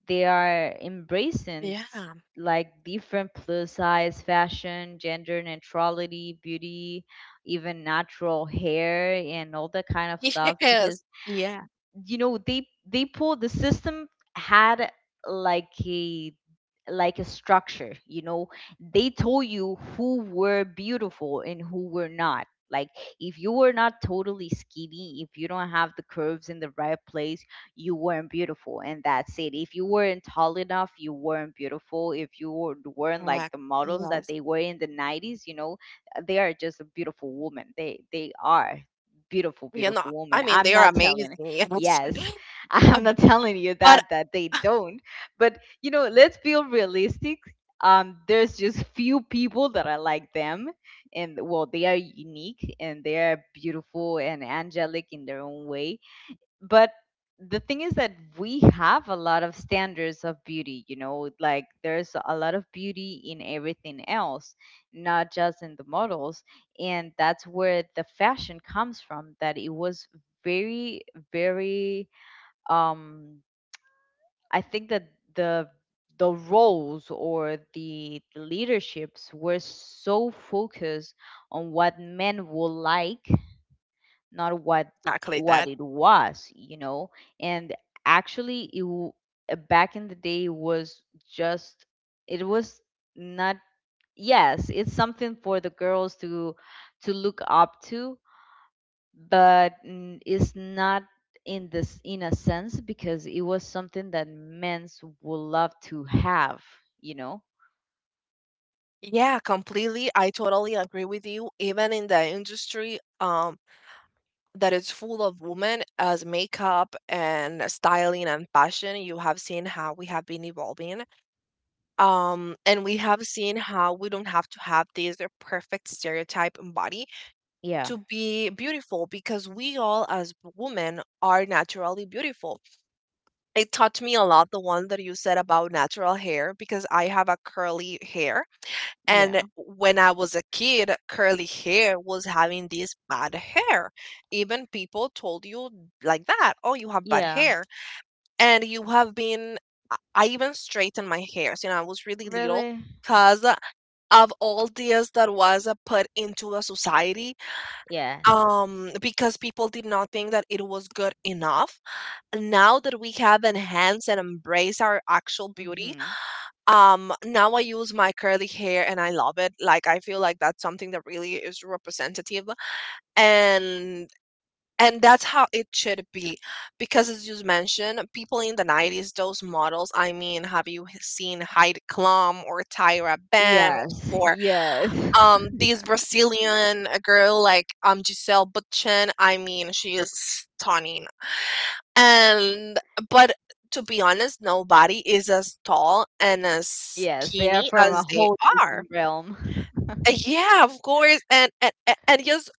[SPEAKER 1] They are embracing
[SPEAKER 2] Yeah.
[SPEAKER 1] like different plus size fashion, gender neutrality, beauty, even natural hair and all that kind of stuff.
[SPEAKER 2] Yes.
[SPEAKER 1] Because
[SPEAKER 2] Yeah.
[SPEAKER 1] you know, they pull the system had like a, like a structure, you know. They told you who were beautiful and who were not. Like, if you were not totally skinny, if you don't have the curves in the right place, you weren't beautiful, and that's it. If you weren't tall enough you weren't beautiful, if you weren't like
[SPEAKER 2] Correct.
[SPEAKER 1] the models that
[SPEAKER 2] Yes.
[SPEAKER 1] they were in the 90s, you know. They are just a beautiful woman, they are beautiful,
[SPEAKER 2] You know,
[SPEAKER 1] beautiful woman,
[SPEAKER 2] I mean,
[SPEAKER 1] I'm
[SPEAKER 2] they are
[SPEAKER 1] not telling.
[SPEAKER 2] amazing. Yes.
[SPEAKER 1] Yes,
[SPEAKER 2] Uh,
[SPEAKER 1] I'm not telling you
[SPEAKER 2] but,
[SPEAKER 1] that they
[SPEAKER 2] ah,
[SPEAKER 1] don't, but you know, let's be realistic. There's just few people that are like them, and well, they are unique and they are beautiful and angelic in their own way. But the thing is that we have a lot of standards of beauty, you know, like there's a lot of beauty in everything else, not just in the models. And that's where the fashion comes from, that it was very, very um I think that the the roles or the leaderships were so focused on what men will like, not what,
[SPEAKER 2] exactly
[SPEAKER 1] what
[SPEAKER 2] that.
[SPEAKER 1] it was, you know. And actually, back in the day it was just, it was not. Yes, it's something for the girls to look up to, but it's not in this in a sense, because it was something that men's would love to have, you know.
[SPEAKER 2] Yeah, completely. I totally agree with you. Even in the industry, that is full of women as makeup and styling and fashion, you have seen how we have been evolving. And we have seen how we don't have to have this perfect stereotype body
[SPEAKER 1] Yeah.
[SPEAKER 2] to be beautiful, because we all as women are naturally beautiful. It taught me a lot, the one that you said about natural hair, because I have a curly hair. And
[SPEAKER 1] Yeah.
[SPEAKER 2] when I was a kid, curly hair was having this bad hair. Even people told you like that, oh, you have bad
[SPEAKER 1] Yeah.
[SPEAKER 2] hair. And you have been, I even straightened my hairs. You know, I was really little
[SPEAKER 1] Really?
[SPEAKER 2] because of all this that was put into the society,
[SPEAKER 1] Yes.
[SPEAKER 2] because people did not think that it was good enough. Now that we have enhanced and embraced our actual beauty,
[SPEAKER 1] Mhm.
[SPEAKER 2] now I use my curly hair and I love it. Like, I feel like that's something that really is representative, and and that's how it should be. Because as you mentioned, people in the 90s, those models, I mean, have seen Heidi Klum or Tyra Banks,
[SPEAKER 1] Yes.
[SPEAKER 2] or
[SPEAKER 1] Yes.
[SPEAKER 2] this Brazilian girl, like, Giselle Bundchen? I mean, she is stunning. And, but to be honest, nobody is as tall and as
[SPEAKER 1] Yes, they are
[SPEAKER 2] skinny
[SPEAKER 1] from a
[SPEAKER 2] as they
[SPEAKER 1] whole
[SPEAKER 2] are.
[SPEAKER 1] different realm.
[SPEAKER 2] Yeah, of course. And just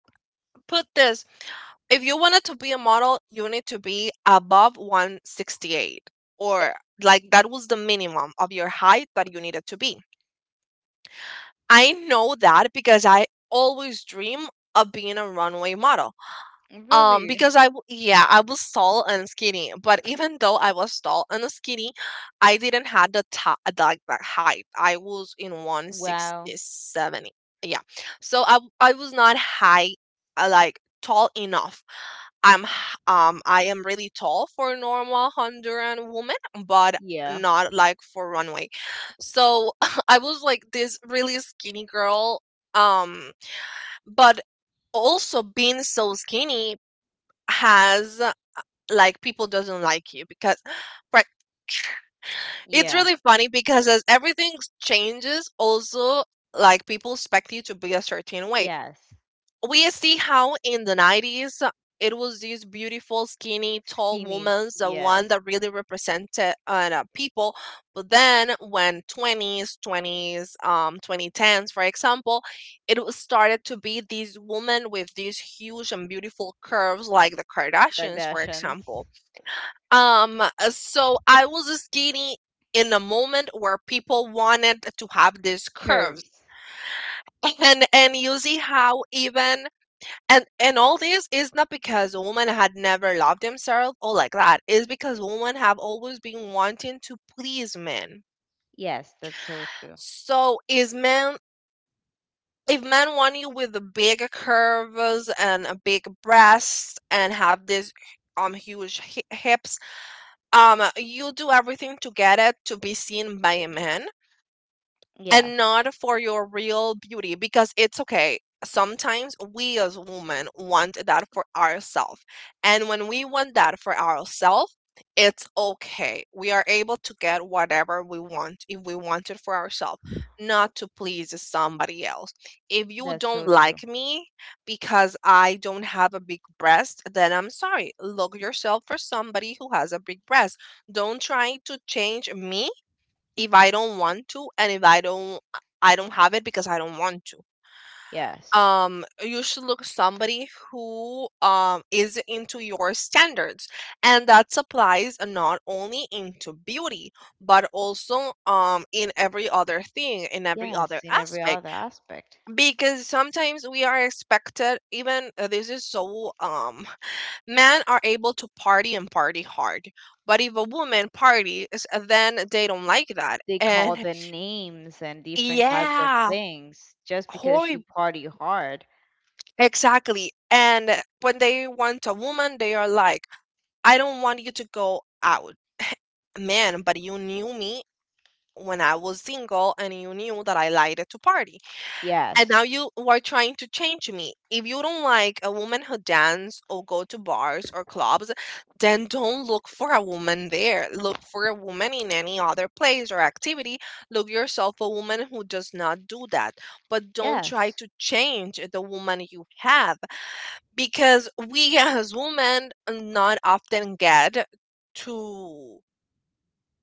[SPEAKER 2] put this, if you wanted to be a model, you need to be above 168, or like, that was the minimum of your height that you needed to be. I know that because I always dream of being a runway model.
[SPEAKER 1] Really?
[SPEAKER 2] Because yeah, I was tall and skinny, but even though I was tall and skinny, I didn't have the top, like, the height. I was in one sixty
[SPEAKER 1] Wow.
[SPEAKER 2] seventy, Yeah. So I was not high, like, tall enough. I am really tall for a normal Honduran woman, but
[SPEAKER 1] Yeah.
[SPEAKER 2] not like for runway. So I was like this really skinny girl. Um, but also being so skinny has like people doesn't like you because right, it's
[SPEAKER 1] Yeah.
[SPEAKER 2] really funny because as everything changes also like people expect you to be a certain way.
[SPEAKER 1] Yes.
[SPEAKER 2] We see how in the 90s it was these beautiful skinny tall
[SPEAKER 1] Skinny.
[SPEAKER 2] women, the one
[SPEAKER 1] Yes.
[SPEAKER 2] that really represented the people. But then when 20s 20s um 2010s for example, it was started to be these women with these huge and beautiful curves, like the Kardashians for
[SPEAKER 1] Kardashians.
[SPEAKER 2] example. So I was skinny in a moment where people wanted to have these curves.
[SPEAKER 1] Curves.
[SPEAKER 2] And you see how even and all this is not because women had never loved themselves or like that. It's because women have always been wanting to please men.
[SPEAKER 1] Yes, that's so true.
[SPEAKER 2] So is men, if men want you with the big curves and a big breast and have this huge hips, you do everything to get it, to be seen by a man and
[SPEAKER 1] Yes,
[SPEAKER 2] not for your real beauty. Because it's okay, sometimes we as women want that for ourselves, and when we want that for ourselves, it's okay, we are able to get whatever we want if we want it for ourselves, not to please somebody else. If you
[SPEAKER 1] that's
[SPEAKER 2] don't
[SPEAKER 1] so
[SPEAKER 2] like
[SPEAKER 1] true.
[SPEAKER 2] me because I don't have a big breast, then I'm sorry, look yourself for somebody who has a big breast. Don't try to change me if I don't want to, and if I don't, I don't have it because I don't want to.
[SPEAKER 1] Yes.
[SPEAKER 2] You should look somebody who is into your standards, and that applies not only into beauty, but also in every other thing, in every other
[SPEAKER 1] Yes, in every
[SPEAKER 2] aspect.
[SPEAKER 1] other aspect.
[SPEAKER 2] Because sometimes we are expected, even this is so men are able to party and party hard, but if a woman parties then they don't like that.
[SPEAKER 1] They call
[SPEAKER 2] And
[SPEAKER 1] the names and different types of
[SPEAKER 2] yeah,
[SPEAKER 1] things just because she
[SPEAKER 2] horrib,
[SPEAKER 1] party hard.
[SPEAKER 2] exactly. And when they want a woman, they are like, "I don't want you to go out. Man, but you knew me when I was single and you knew that I liked to party, and now
[SPEAKER 1] Yes.
[SPEAKER 2] you are trying to change me." If you don't like a woman who dance or go to bars or clubs, then don't look for a woman there. Look for a woman in any other place or activity. Look yourself a woman who does not do that. But don't try
[SPEAKER 1] Yes.
[SPEAKER 2] to change the woman you have, because we as women not often get to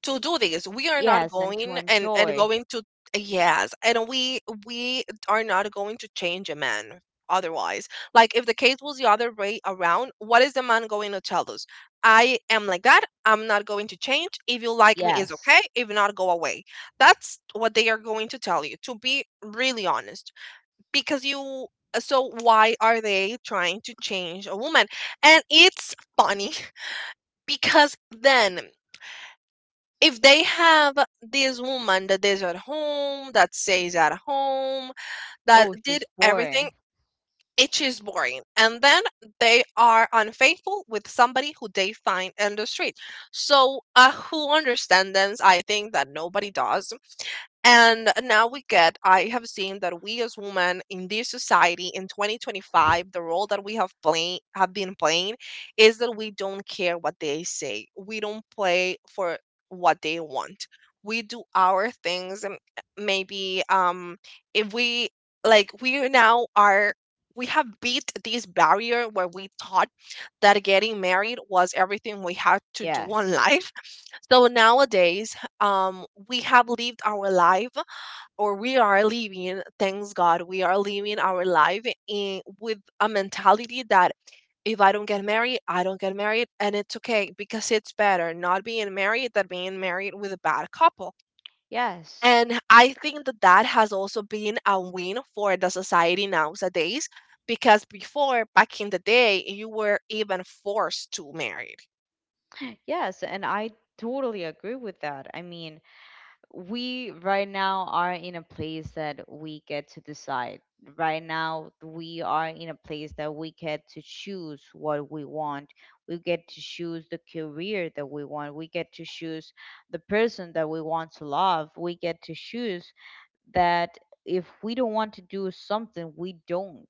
[SPEAKER 2] to do this. We are not
[SPEAKER 1] Yes, and to
[SPEAKER 2] going and
[SPEAKER 1] enjoy.
[SPEAKER 2] going to, yes, and we are not going to change a man otherwise. Like if the case was the other way around, what is the man going to tell us? "I am like that. I'm not going to change. If you like me, is
[SPEAKER 1] Yes.
[SPEAKER 2] okay. If not, go away." That's what they are going to tell you, to be really honest, because you. So why are they trying to change a woman? And it's funny because then if they have this woman that is at home, that stays at home, that
[SPEAKER 1] Oh,
[SPEAKER 2] did
[SPEAKER 1] she's
[SPEAKER 2] everything,
[SPEAKER 1] boring.
[SPEAKER 2] it is boring. And then they are unfaithful with somebody who they find in the street. So, a who understands them? I think that nobody does. And now we get, I have seen that we as women in this society in 2025, the role that we have playing, have been playing, is that we don't care what they say. We don't play for what they want. We do our things. And eh, maybe if we, like we now are, we have beat this barrier where we thought that getting married was everything we had to do on
[SPEAKER 1] Yes.
[SPEAKER 2] life. So nowadays, we have lived our life, or we are living, thanks God, we are living our life in, with a mentality that if I don't get married, I don't get married, and it's okay, because it's better not being married than being married with a bad couple.
[SPEAKER 1] Yes.
[SPEAKER 2] And I think that that has also been a win for the society nowadays, because before, back in the day, you were even forced to marry.
[SPEAKER 1] Yes, and I totally agree with that. I mean, we right now are in a place that we get to decide. Right now, we are in a place that we get to choose what we want. We get to choose the career that we want. We get to choose the person that we want to love. We get to choose that if we don't want to do something, we don't.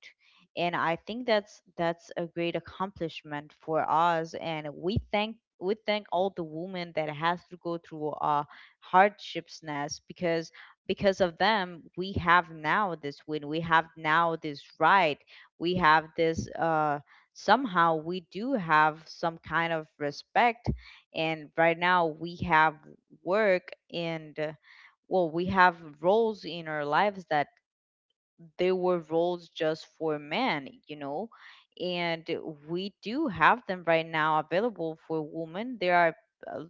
[SPEAKER 1] And I think that's a great accomplishment for us, and we thank all the women that has to go through hardships nest, because of them we have now this win, we have now this right. We have this somehow we do have some kind of respect. And right now we have work and, well, we have roles in our lives that they were roles just for men, you know. And we do have them right now available for women. There are uh,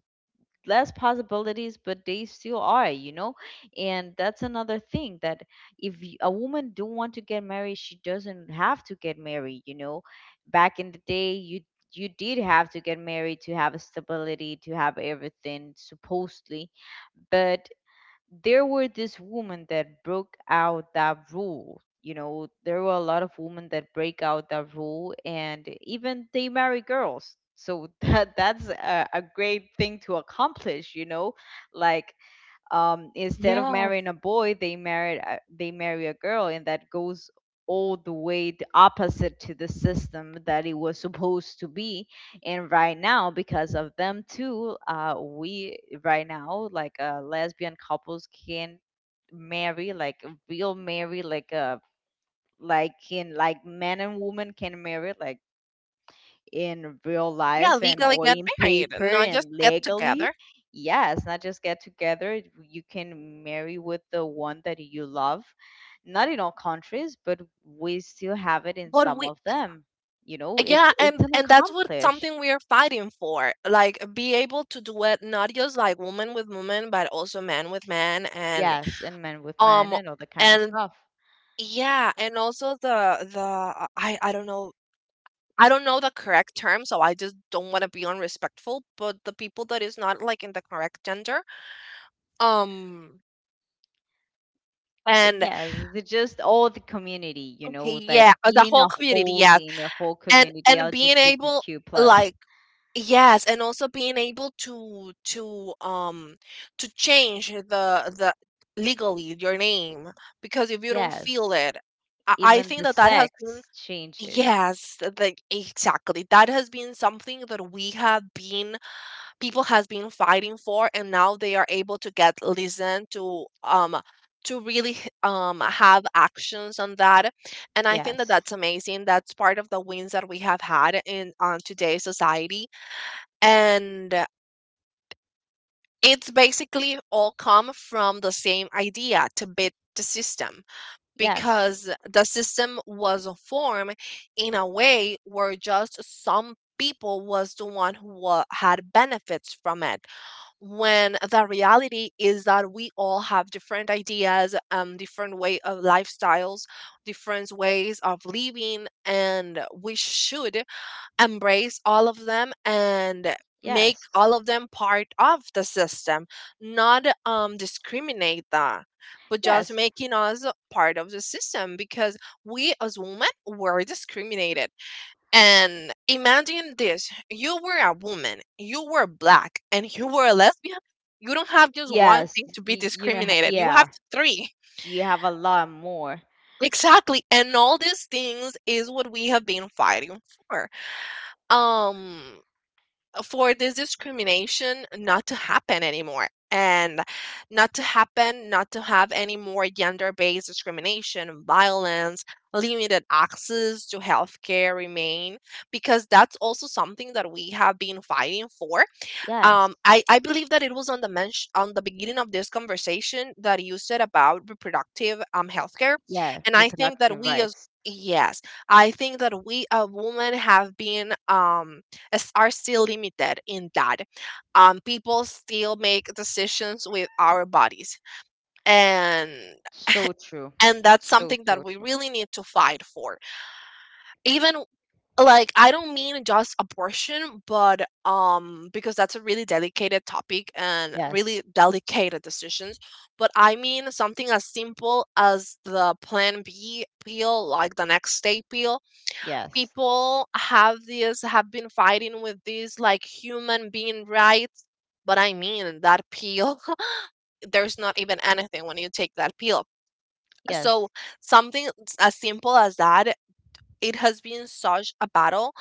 [SPEAKER 1] less possibilities, but they still are, you know. And that's another thing that if y- a woman don't want to get married, she doesn't have to get married, you know. Back in the day, you did have to get married to have a stability, to have everything supposedly. But there were these women that broke out that rule. You know, there were a lot of women that break out that rule, and even they marry girls. So that's a great thing to accomplish. You know, like instead of
[SPEAKER 2] Yeah.
[SPEAKER 1] marrying a boy, they marry a girl, and that goes all the way the opposite to the system that it was supposed to be. And right now, because of them too, we right now, like, lesbian couples can marry, like, real marry, like, like, can, like, man and woman can marry, like, in real
[SPEAKER 2] Yeah,
[SPEAKER 1] life and
[SPEAKER 2] legally
[SPEAKER 1] or
[SPEAKER 2] get
[SPEAKER 1] in
[SPEAKER 2] married,
[SPEAKER 1] paper
[SPEAKER 2] not just
[SPEAKER 1] and
[SPEAKER 2] get
[SPEAKER 1] legally.
[SPEAKER 2] together.
[SPEAKER 1] Yeah, it's not just get together. You can marry with the one that you love. Not in all countries, but we still have it in
[SPEAKER 2] But
[SPEAKER 1] some
[SPEAKER 2] we,
[SPEAKER 1] of them. You know,
[SPEAKER 2] yeah,
[SPEAKER 1] it's an
[SPEAKER 2] and that's what
[SPEAKER 1] accomplish.
[SPEAKER 2] something we are fighting for. Like be able to do it not just like woman with woman, but also man with man,
[SPEAKER 1] Yes, and men with men
[SPEAKER 2] um,
[SPEAKER 1] and all that kind of
[SPEAKER 2] and
[SPEAKER 1] stuff.
[SPEAKER 2] yeah, and also the I don't know. I don't know the correct term, so I just don't want to be unrespectful. But the people that is not like in the correct gender, um,
[SPEAKER 1] But
[SPEAKER 2] and
[SPEAKER 1] yes, the, just all the community, you know,
[SPEAKER 2] yeah,
[SPEAKER 1] that
[SPEAKER 2] the
[SPEAKER 1] being
[SPEAKER 2] whole
[SPEAKER 1] a
[SPEAKER 2] community,
[SPEAKER 1] whole
[SPEAKER 2] yeah,
[SPEAKER 1] in a whole community,
[SPEAKER 2] and being able
[SPEAKER 1] LGBTQ plus.
[SPEAKER 2] like, yes, and also being able to change the legally your name, because if you don't feel
[SPEAKER 1] Yes,
[SPEAKER 2] it, I
[SPEAKER 1] even
[SPEAKER 2] think
[SPEAKER 1] the
[SPEAKER 2] that that has been,
[SPEAKER 1] sex change it.
[SPEAKER 2] yes, like exactly, that has been something that we have been, people has been fighting for, and now they are able to get listened to, to really have actions on that. And I think that
[SPEAKER 1] Yes.
[SPEAKER 2] that's amazing. That's part of the wins that we have had in on today's society. And it's basically all come from the same idea, to beat the system,
[SPEAKER 1] Yes.
[SPEAKER 2] because the system was formed in a way where just some people was the one who had benefits from it, when the reality is that we all have different ideas, different way of lifestyles, different ways of living, and we should embrace all of them and make
[SPEAKER 1] Yes.
[SPEAKER 2] all of them part of the system, not discriminate that, but just
[SPEAKER 1] Yes.
[SPEAKER 2] making us part of the system. Because we as women were discriminated, and imagine this, you were a woman, you were black, and you were a lesbian, you don't have just one
[SPEAKER 1] Yes.
[SPEAKER 2] thing to be
[SPEAKER 1] You know
[SPEAKER 2] discriminated, you have
[SPEAKER 1] yeah,
[SPEAKER 2] three.
[SPEAKER 1] you have a lot more.
[SPEAKER 2] Exactly, and all these things is what we have been fighting for, um for this discrimination not to happen anymore, and not to happen, not to have any more gender-based discrimination, violence, limited access to healthcare remain, because that's also something that we have been fighting for.
[SPEAKER 1] Yes.
[SPEAKER 2] I believe that it was on the mention on the beginning of this conversation that you said about reproductive healthcare,
[SPEAKER 1] Yeah,
[SPEAKER 2] and I think that
[SPEAKER 1] reproductive
[SPEAKER 2] we as,
[SPEAKER 1] rights.
[SPEAKER 2] yes, I think that we as women have been as- are still limited in that. People still make decisions with our bodies, and
[SPEAKER 1] So true.
[SPEAKER 2] and that's
[SPEAKER 1] So
[SPEAKER 2] something that
[SPEAKER 1] so
[SPEAKER 2] we
[SPEAKER 1] true.
[SPEAKER 2] really need to fight for. Even like, I don't mean just abortion, but because that's a really delicate topic and
[SPEAKER 1] Yes.
[SPEAKER 2] really delicate decisions. But I mean something as simple as the plan B pill, like the next day pill.
[SPEAKER 1] Yes.
[SPEAKER 2] People have this, have been fighting with this like human being rights, but I mean that pill, there's not even anything when you take that pill. So
[SPEAKER 1] Yes.
[SPEAKER 2] something as simple as that, it has been such a battle,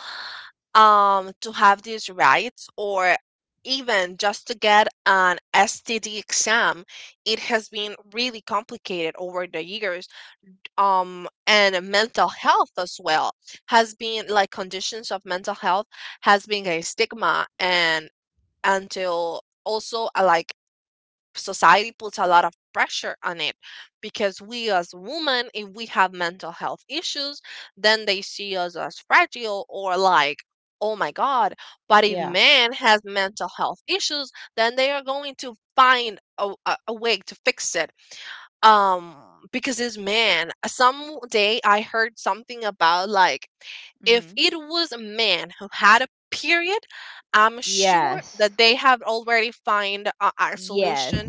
[SPEAKER 2] to have these rights, or even just to get an STD exam, it has been really complicated over the years. And mental health as well, has been like, conditions of mental health has been a stigma, and until also like, society puts a lot of pressure on it. Because we as women, if we have mental health issues, then they see us as fragile, or like, oh my god. But if
[SPEAKER 1] Yeah.
[SPEAKER 2] man has mental health issues, then they are going to find a way to fix it. um because it's man, some day I heard something about like, if
[SPEAKER 1] Mhm.
[SPEAKER 2] it was a man who had a period, I'm sure
[SPEAKER 1] Yes.
[SPEAKER 2] that they have already find a
[SPEAKER 1] Yes.
[SPEAKER 2] solution,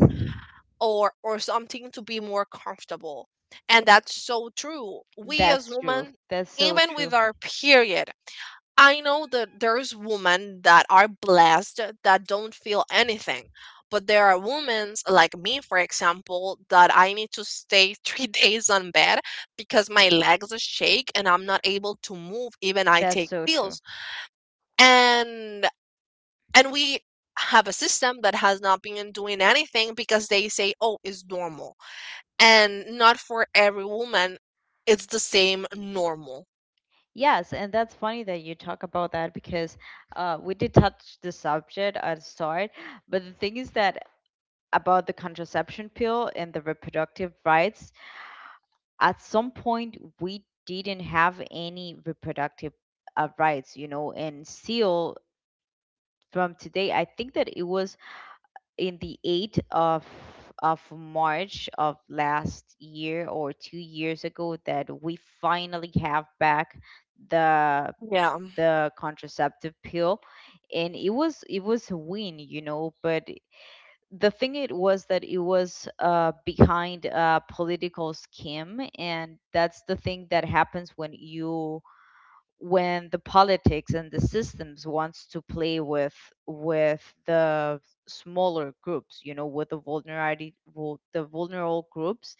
[SPEAKER 2] or something to be more comfortable. And that's so true, we as
[SPEAKER 1] That's true.
[SPEAKER 2] women,
[SPEAKER 1] That's so
[SPEAKER 2] even with
[SPEAKER 1] true.
[SPEAKER 2] our period, I know that there's women that are blessed that don't feel anything, but there are women like me for example that I need to stay 3 days on bed because my legs shake and I'm not able to move, even I
[SPEAKER 1] That's
[SPEAKER 2] take
[SPEAKER 1] so true.
[SPEAKER 2] pills. and and we have a system that has not been doing anything because they say, "Oh, it's normal." And not for every woman, it's the same normal.
[SPEAKER 1] Yes, and that's funny that you talk about that because we did touch the subject at the start, but the thing is that about the contraception pill and the reproductive rights, at some point we didn't have any reproductive rights, you know, and still from today, I think that it was in the 8th of March of last year or 2 years ago that we finally have back the
[SPEAKER 2] Yeah,
[SPEAKER 1] the contraceptive pill. And it was a win, you know, but the thing it was that it was behind a political scheme, and that's the thing that happens when you when the politics and the systems wants to play with the smaller groups, you know, with the the vulnerable groups.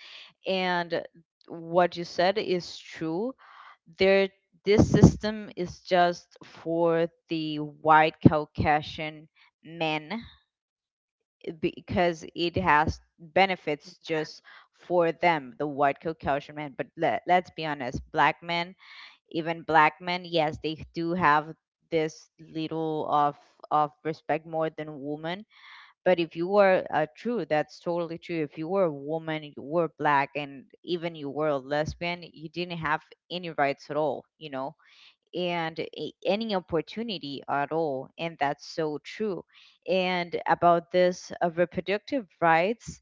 [SPEAKER 1] And what you said is true. There, this system is just for the white Caucasian men, because it has benefits just for them, the white Caucasian men. But let, let's be honest, black men, even black men, yes, they do have this little of respect more than women. But if you were true, that's totally true. If you were a woman, you were black, and even you were a lesbian, you didn't have any rights at all. You know, and any opportunity at all. And that's so true. And about this reproductive rights,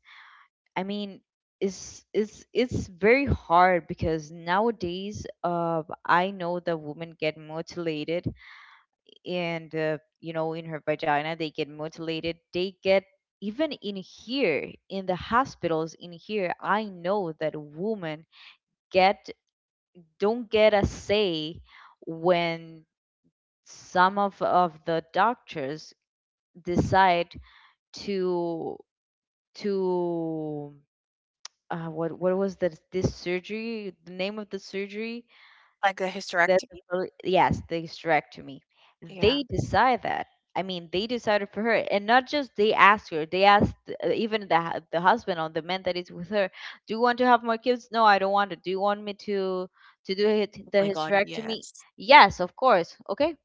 [SPEAKER 1] I mean, it's very hard because nowadays, I know that women get mutilated, and you know, in her vagina, they get mutilated. They get even in here, in the hospitals in here, I know that women get don't get a say when some of the doctors decide to to what was that, this surgery, the name of the surgery,
[SPEAKER 2] like a
[SPEAKER 1] that the
[SPEAKER 2] hysterectomy?
[SPEAKER 1] yes, the hysterectomy. They
[SPEAKER 2] Yeah.
[SPEAKER 1] decide that, I mean, they decided for her, and not just they asked her. They asked even the husband or the man that is with her, "Do you want to have more kids?" "No, I don't want to." "Do you want me to do
[SPEAKER 2] Oh
[SPEAKER 1] the
[SPEAKER 2] my god,
[SPEAKER 1] hysterectomy?"
[SPEAKER 2] yes.
[SPEAKER 1] "Yes, of course, okay."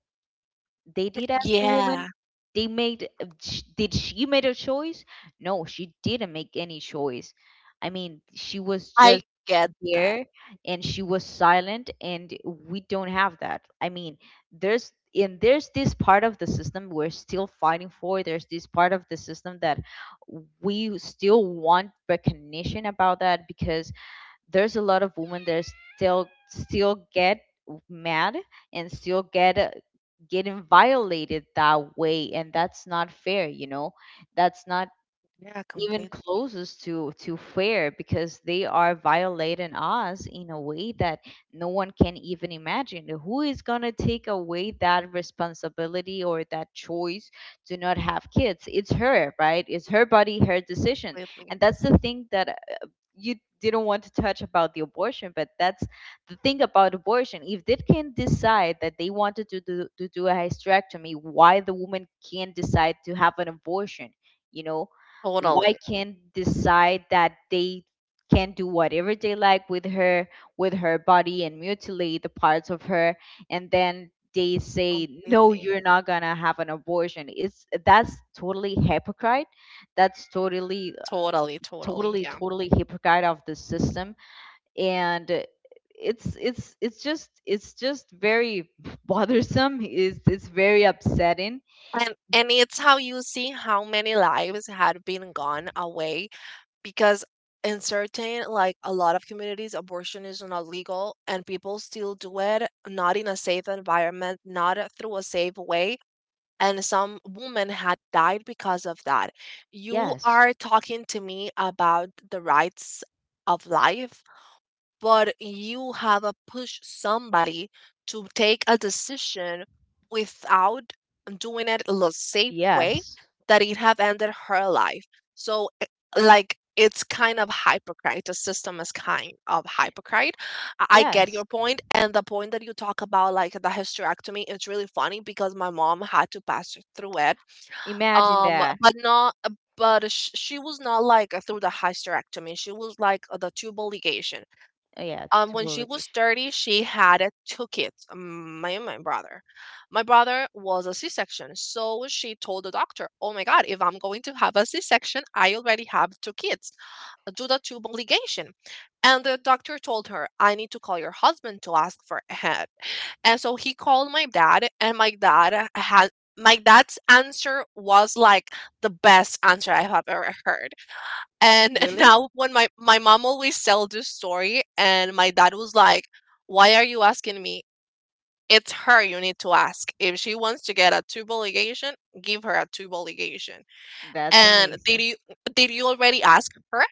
[SPEAKER 1] They did ask the woman,
[SPEAKER 2] Yeah,
[SPEAKER 1] they made did she made a choice? No, she didn't make any choice. I mean, she was
[SPEAKER 2] I
[SPEAKER 1] just
[SPEAKER 2] get that.
[SPEAKER 1] there, and she was silent, and we don't have that. I mean, there's and there's this part of the system we're still fighting for. There's this part of the system that we still want recognition about that, because there's a lot of women that still get mad and still get getting violated that way, and that's not fair, you know. That's not
[SPEAKER 2] Yeah,
[SPEAKER 1] even
[SPEAKER 2] completely,
[SPEAKER 1] closest to fair, because they are violating us in a way that no one can even imagine. Who is going to take away that responsibility or that choice to not have kids? It's her right, it's her body, her decision.
[SPEAKER 2] completely.
[SPEAKER 1] And that's the thing that you didn't want to touch about the abortion, but that's the thing about abortion: if they can decide that they wanted to do a hysterectomy, why the woman can't decide to have an abortion? You know, why
[SPEAKER 2] Totally,
[SPEAKER 1] can't decide that they can do whatever they like with her body and mutilate the parts of her, and then they say, "No,
[SPEAKER 2] completely.
[SPEAKER 1] you're not gonna have an abortion." It's that's totally hypocrite. That's totally
[SPEAKER 2] Totally, totally,
[SPEAKER 1] totally
[SPEAKER 2] yeah.
[SPEAKER 1] totally hypocrite of the system. And it's just very bothersome, is it's very upsetting.
[SPEAKER 2] And it's how you see how many lives had been gone away, because in certain, like a lot of communities, abortion is not legal and people still do it, not in a safe environment, not through a safe way. And some women had died because of that. You
[SPEAKER 1] Yes.
[SPEAKER 2] are talking to me about the rights of life, but you have a push somebody to take a decision without doing it the safe way,
[SPEAKER 1] Yes.
[SPEAKER 2] that it have ended her life. So eh, like it's kind of hypocrite. The system is kind of hypocrite. I get your
[SPEAKER 1] Yes.
[SPEAKER 2] point, and the point that you talk about, like the hysterectomy, it's really funny because my mom had to pass through it.
[SPEAKER 1] Imagine that.
[SPEAKER 2] But not, but sh- She was not like through the hysterectomy. She was like the tubal ligation.
[SPEAKER 1] Yeah, to
[SPEAKER 2] When she was
[SPEAKER 1] publication.
[SPEAKER 2] 30, she had a took it, my brother. My brother was a C-section, so she told the doctor, "Oh my God, if I'm going to have a C-section, I already have two kids. Do the tube obligation." And the doctor told her, "I need to call your husband to ask for a head." And so he called my dad, and my dad's answer was like the best answer I have ever heard. And
[SPEAKER 1] Really?
[SPEAKER 2] now when my mom always tell this story and my dad was like, "Why are you asking me? It's her you need to ask. If she wants to get a tube ligation, give her a tube ligation.
[SPEAKER 1] That's
[SPEAKER 2] And did
[SPEAKER 1] amazing.
[SPEAKER 2] you did you already ask her?"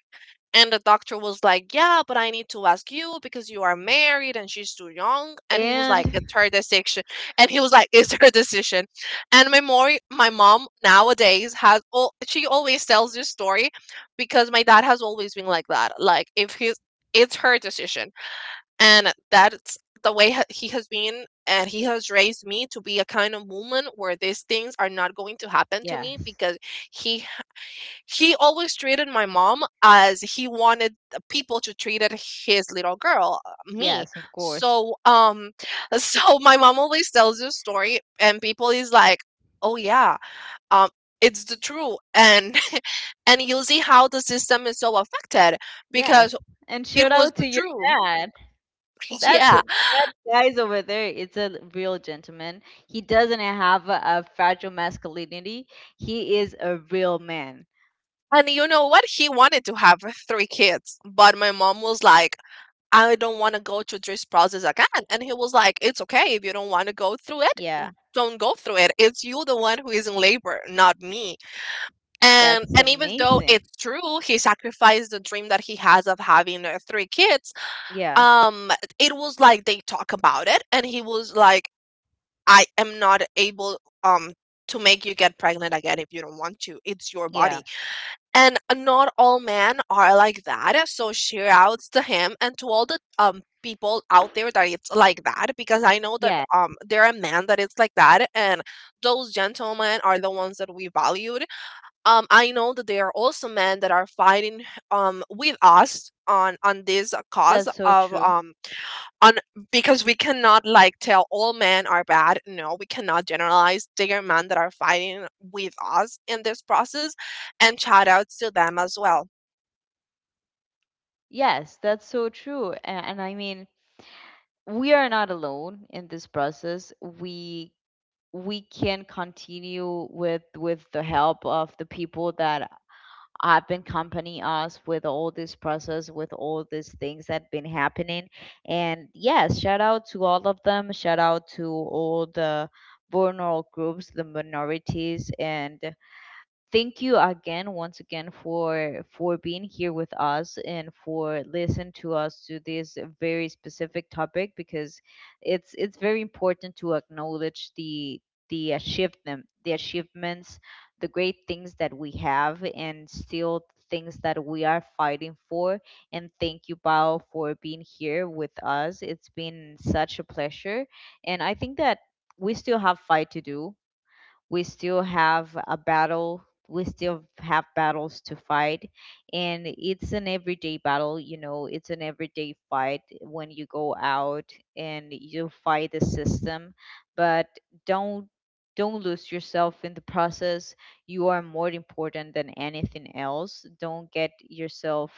[SPEAKER 2] And the doctor was like, "Yeah, but I need to ask you because you are married and she's too young." And he was like,
[SPEAKER 1] And
[SPEAKER 2] "It's her decision." And he was like, "It's her decision." And my mom nowadays has, all she always tells this story because my dad has always been like that. Like, if he's, It's her decision. And that's the way he has been. And he has raised me to be a kind of woman where these things are not going to happen to me
[SPEAKER 1] yes,
[SPEAKER 2] because he he always treated my mom as he wanted the people to treat it his little girl, me.
[SPEAKER 1] yes, of course.
[SPEAKER 2] So, so my mom always tells this story, and people is like, "Oh yeah, um, it's the truth," and and you'll see how the system is so affected
[SPEAKER 1] Yes.
[SPEAKER 2] because
[SPEAKER 1] And
[SPEAKER 2] it
[SPEAKER 1] shout
[SPEAKER 2] was
[SPEAKER 1] out
[SPEAKER 2] the
[SPEAKER 1] to your
[SPEAKER 2] truth.
[SPEAKER 1] dad. That's
[SPEAKER 2] Yeah.
[SPEAKER 1] it. That guy's over there. It's a real gentleman. He doesn't have a fragile masculinity. He is a real man.
[SPEAKER 2] And you know what? He wanted to have three kids, but my mom was like, "I don't want to go through this process again." And he was like, "It's okay if you don't want to go through it.
[SPEAKER 1] Yeah,
[SPEAKER 2] Don't go through it. It's you the one who is in labor, not me." And
[SPEAKER 1] that's
[SPEAKER 2] even though
[SPEAKER 1] amazing.
[SPEAKER 2] it's true, he sacrificed the dream that he has of having three kids.
[SPEAKER 1] Yeah,
[SPEAKER 2] Um, it was like they talk about it, and he was like, "I am not able to make you get pregnant again if you don't want to. It's your
[SPEAKER 1] yeah,
[SPEAKER 2] body." And not all men are like that, so shouts to him and to all the people out there that it's like that, because I know that
[SPEAKER 1] yeah.
[SPEAKER 2] there are men that it's like that. And those gentlemen are the ones that we valued. I know that there are also men that are fighting with us on this cause
[SPEAKER 1] That's so
[SPEAKER 2] of
[SPEAKER 1] true.
[SPEAKER 2] on because we cannot like tell all men are bad. No, we cannot generalize. There are men that are fighting with us in this process, and shout outs to them as well.
[SPEAKER 1] Yes, that's so true. And I mean, we are not alone in this process. We can continue with the help of the people that have been accompanying us with all this process, with all these things that been happening. And yes, shout out to all of them, should shout out to all the vulnerable groups, the minorities. And thank you again, once again, for being here with us and for listening to us to this very specific topic, because it's very important to acknowledge the achievement, the achievements, the great things that we have, and still things that we are fighting for. And thank you, Bao, for being here with us. It's been such a pleasure. And I think that we still have fight to do, we still have a battle, we still have battles to fight. And it's an everyday battle, you know, it's an everyday fight when you go out and you fight the system. But don't don't lose yourself in the process. You are more important than anything else. Don't get yourself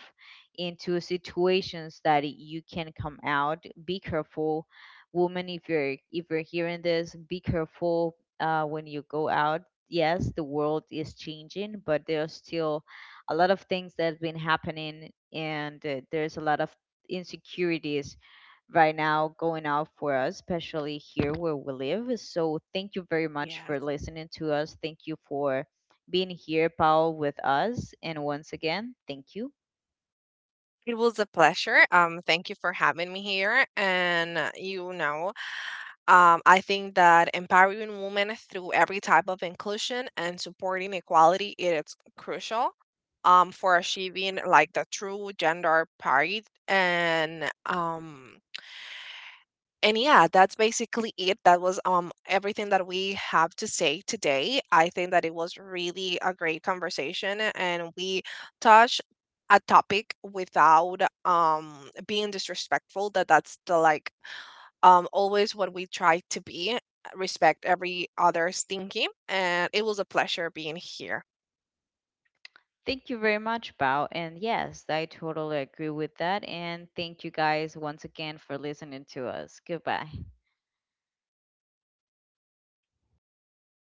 [SPEAKER 1] into situations that you can come out. Be careful. Woman, if you're hearing this, be careful when you go out. Yes, the world is changing, but there's still a lot of things that's been happening, and there's a lot of insecurities right now going out for us, especially here where we live. So thank you very much
[SPEAKER 2] Yes,
[SPEAKER 1] for listening to us. Thank you for being here, Paul, with us. And once again, thank you.
[SPEAKER 2] it was a pleasure. Thank you for having me here, and you know, I think that empowering women through every type of inclusion and supporting equality, it's crucial for achieving like the true gender parity. And um And yeah, that's basically it. That was everything that we have to say today. I think that it was really a great conversation, and we touched a topic without being disrespectful. That's the like always what we try to be, respect every other's thinking. And it was a pleasure being here.
[SPEAKER 1] Thank you very much, Bao. And yes, I totally agree with that. And thank you guys once again for listening to us. Goodbye.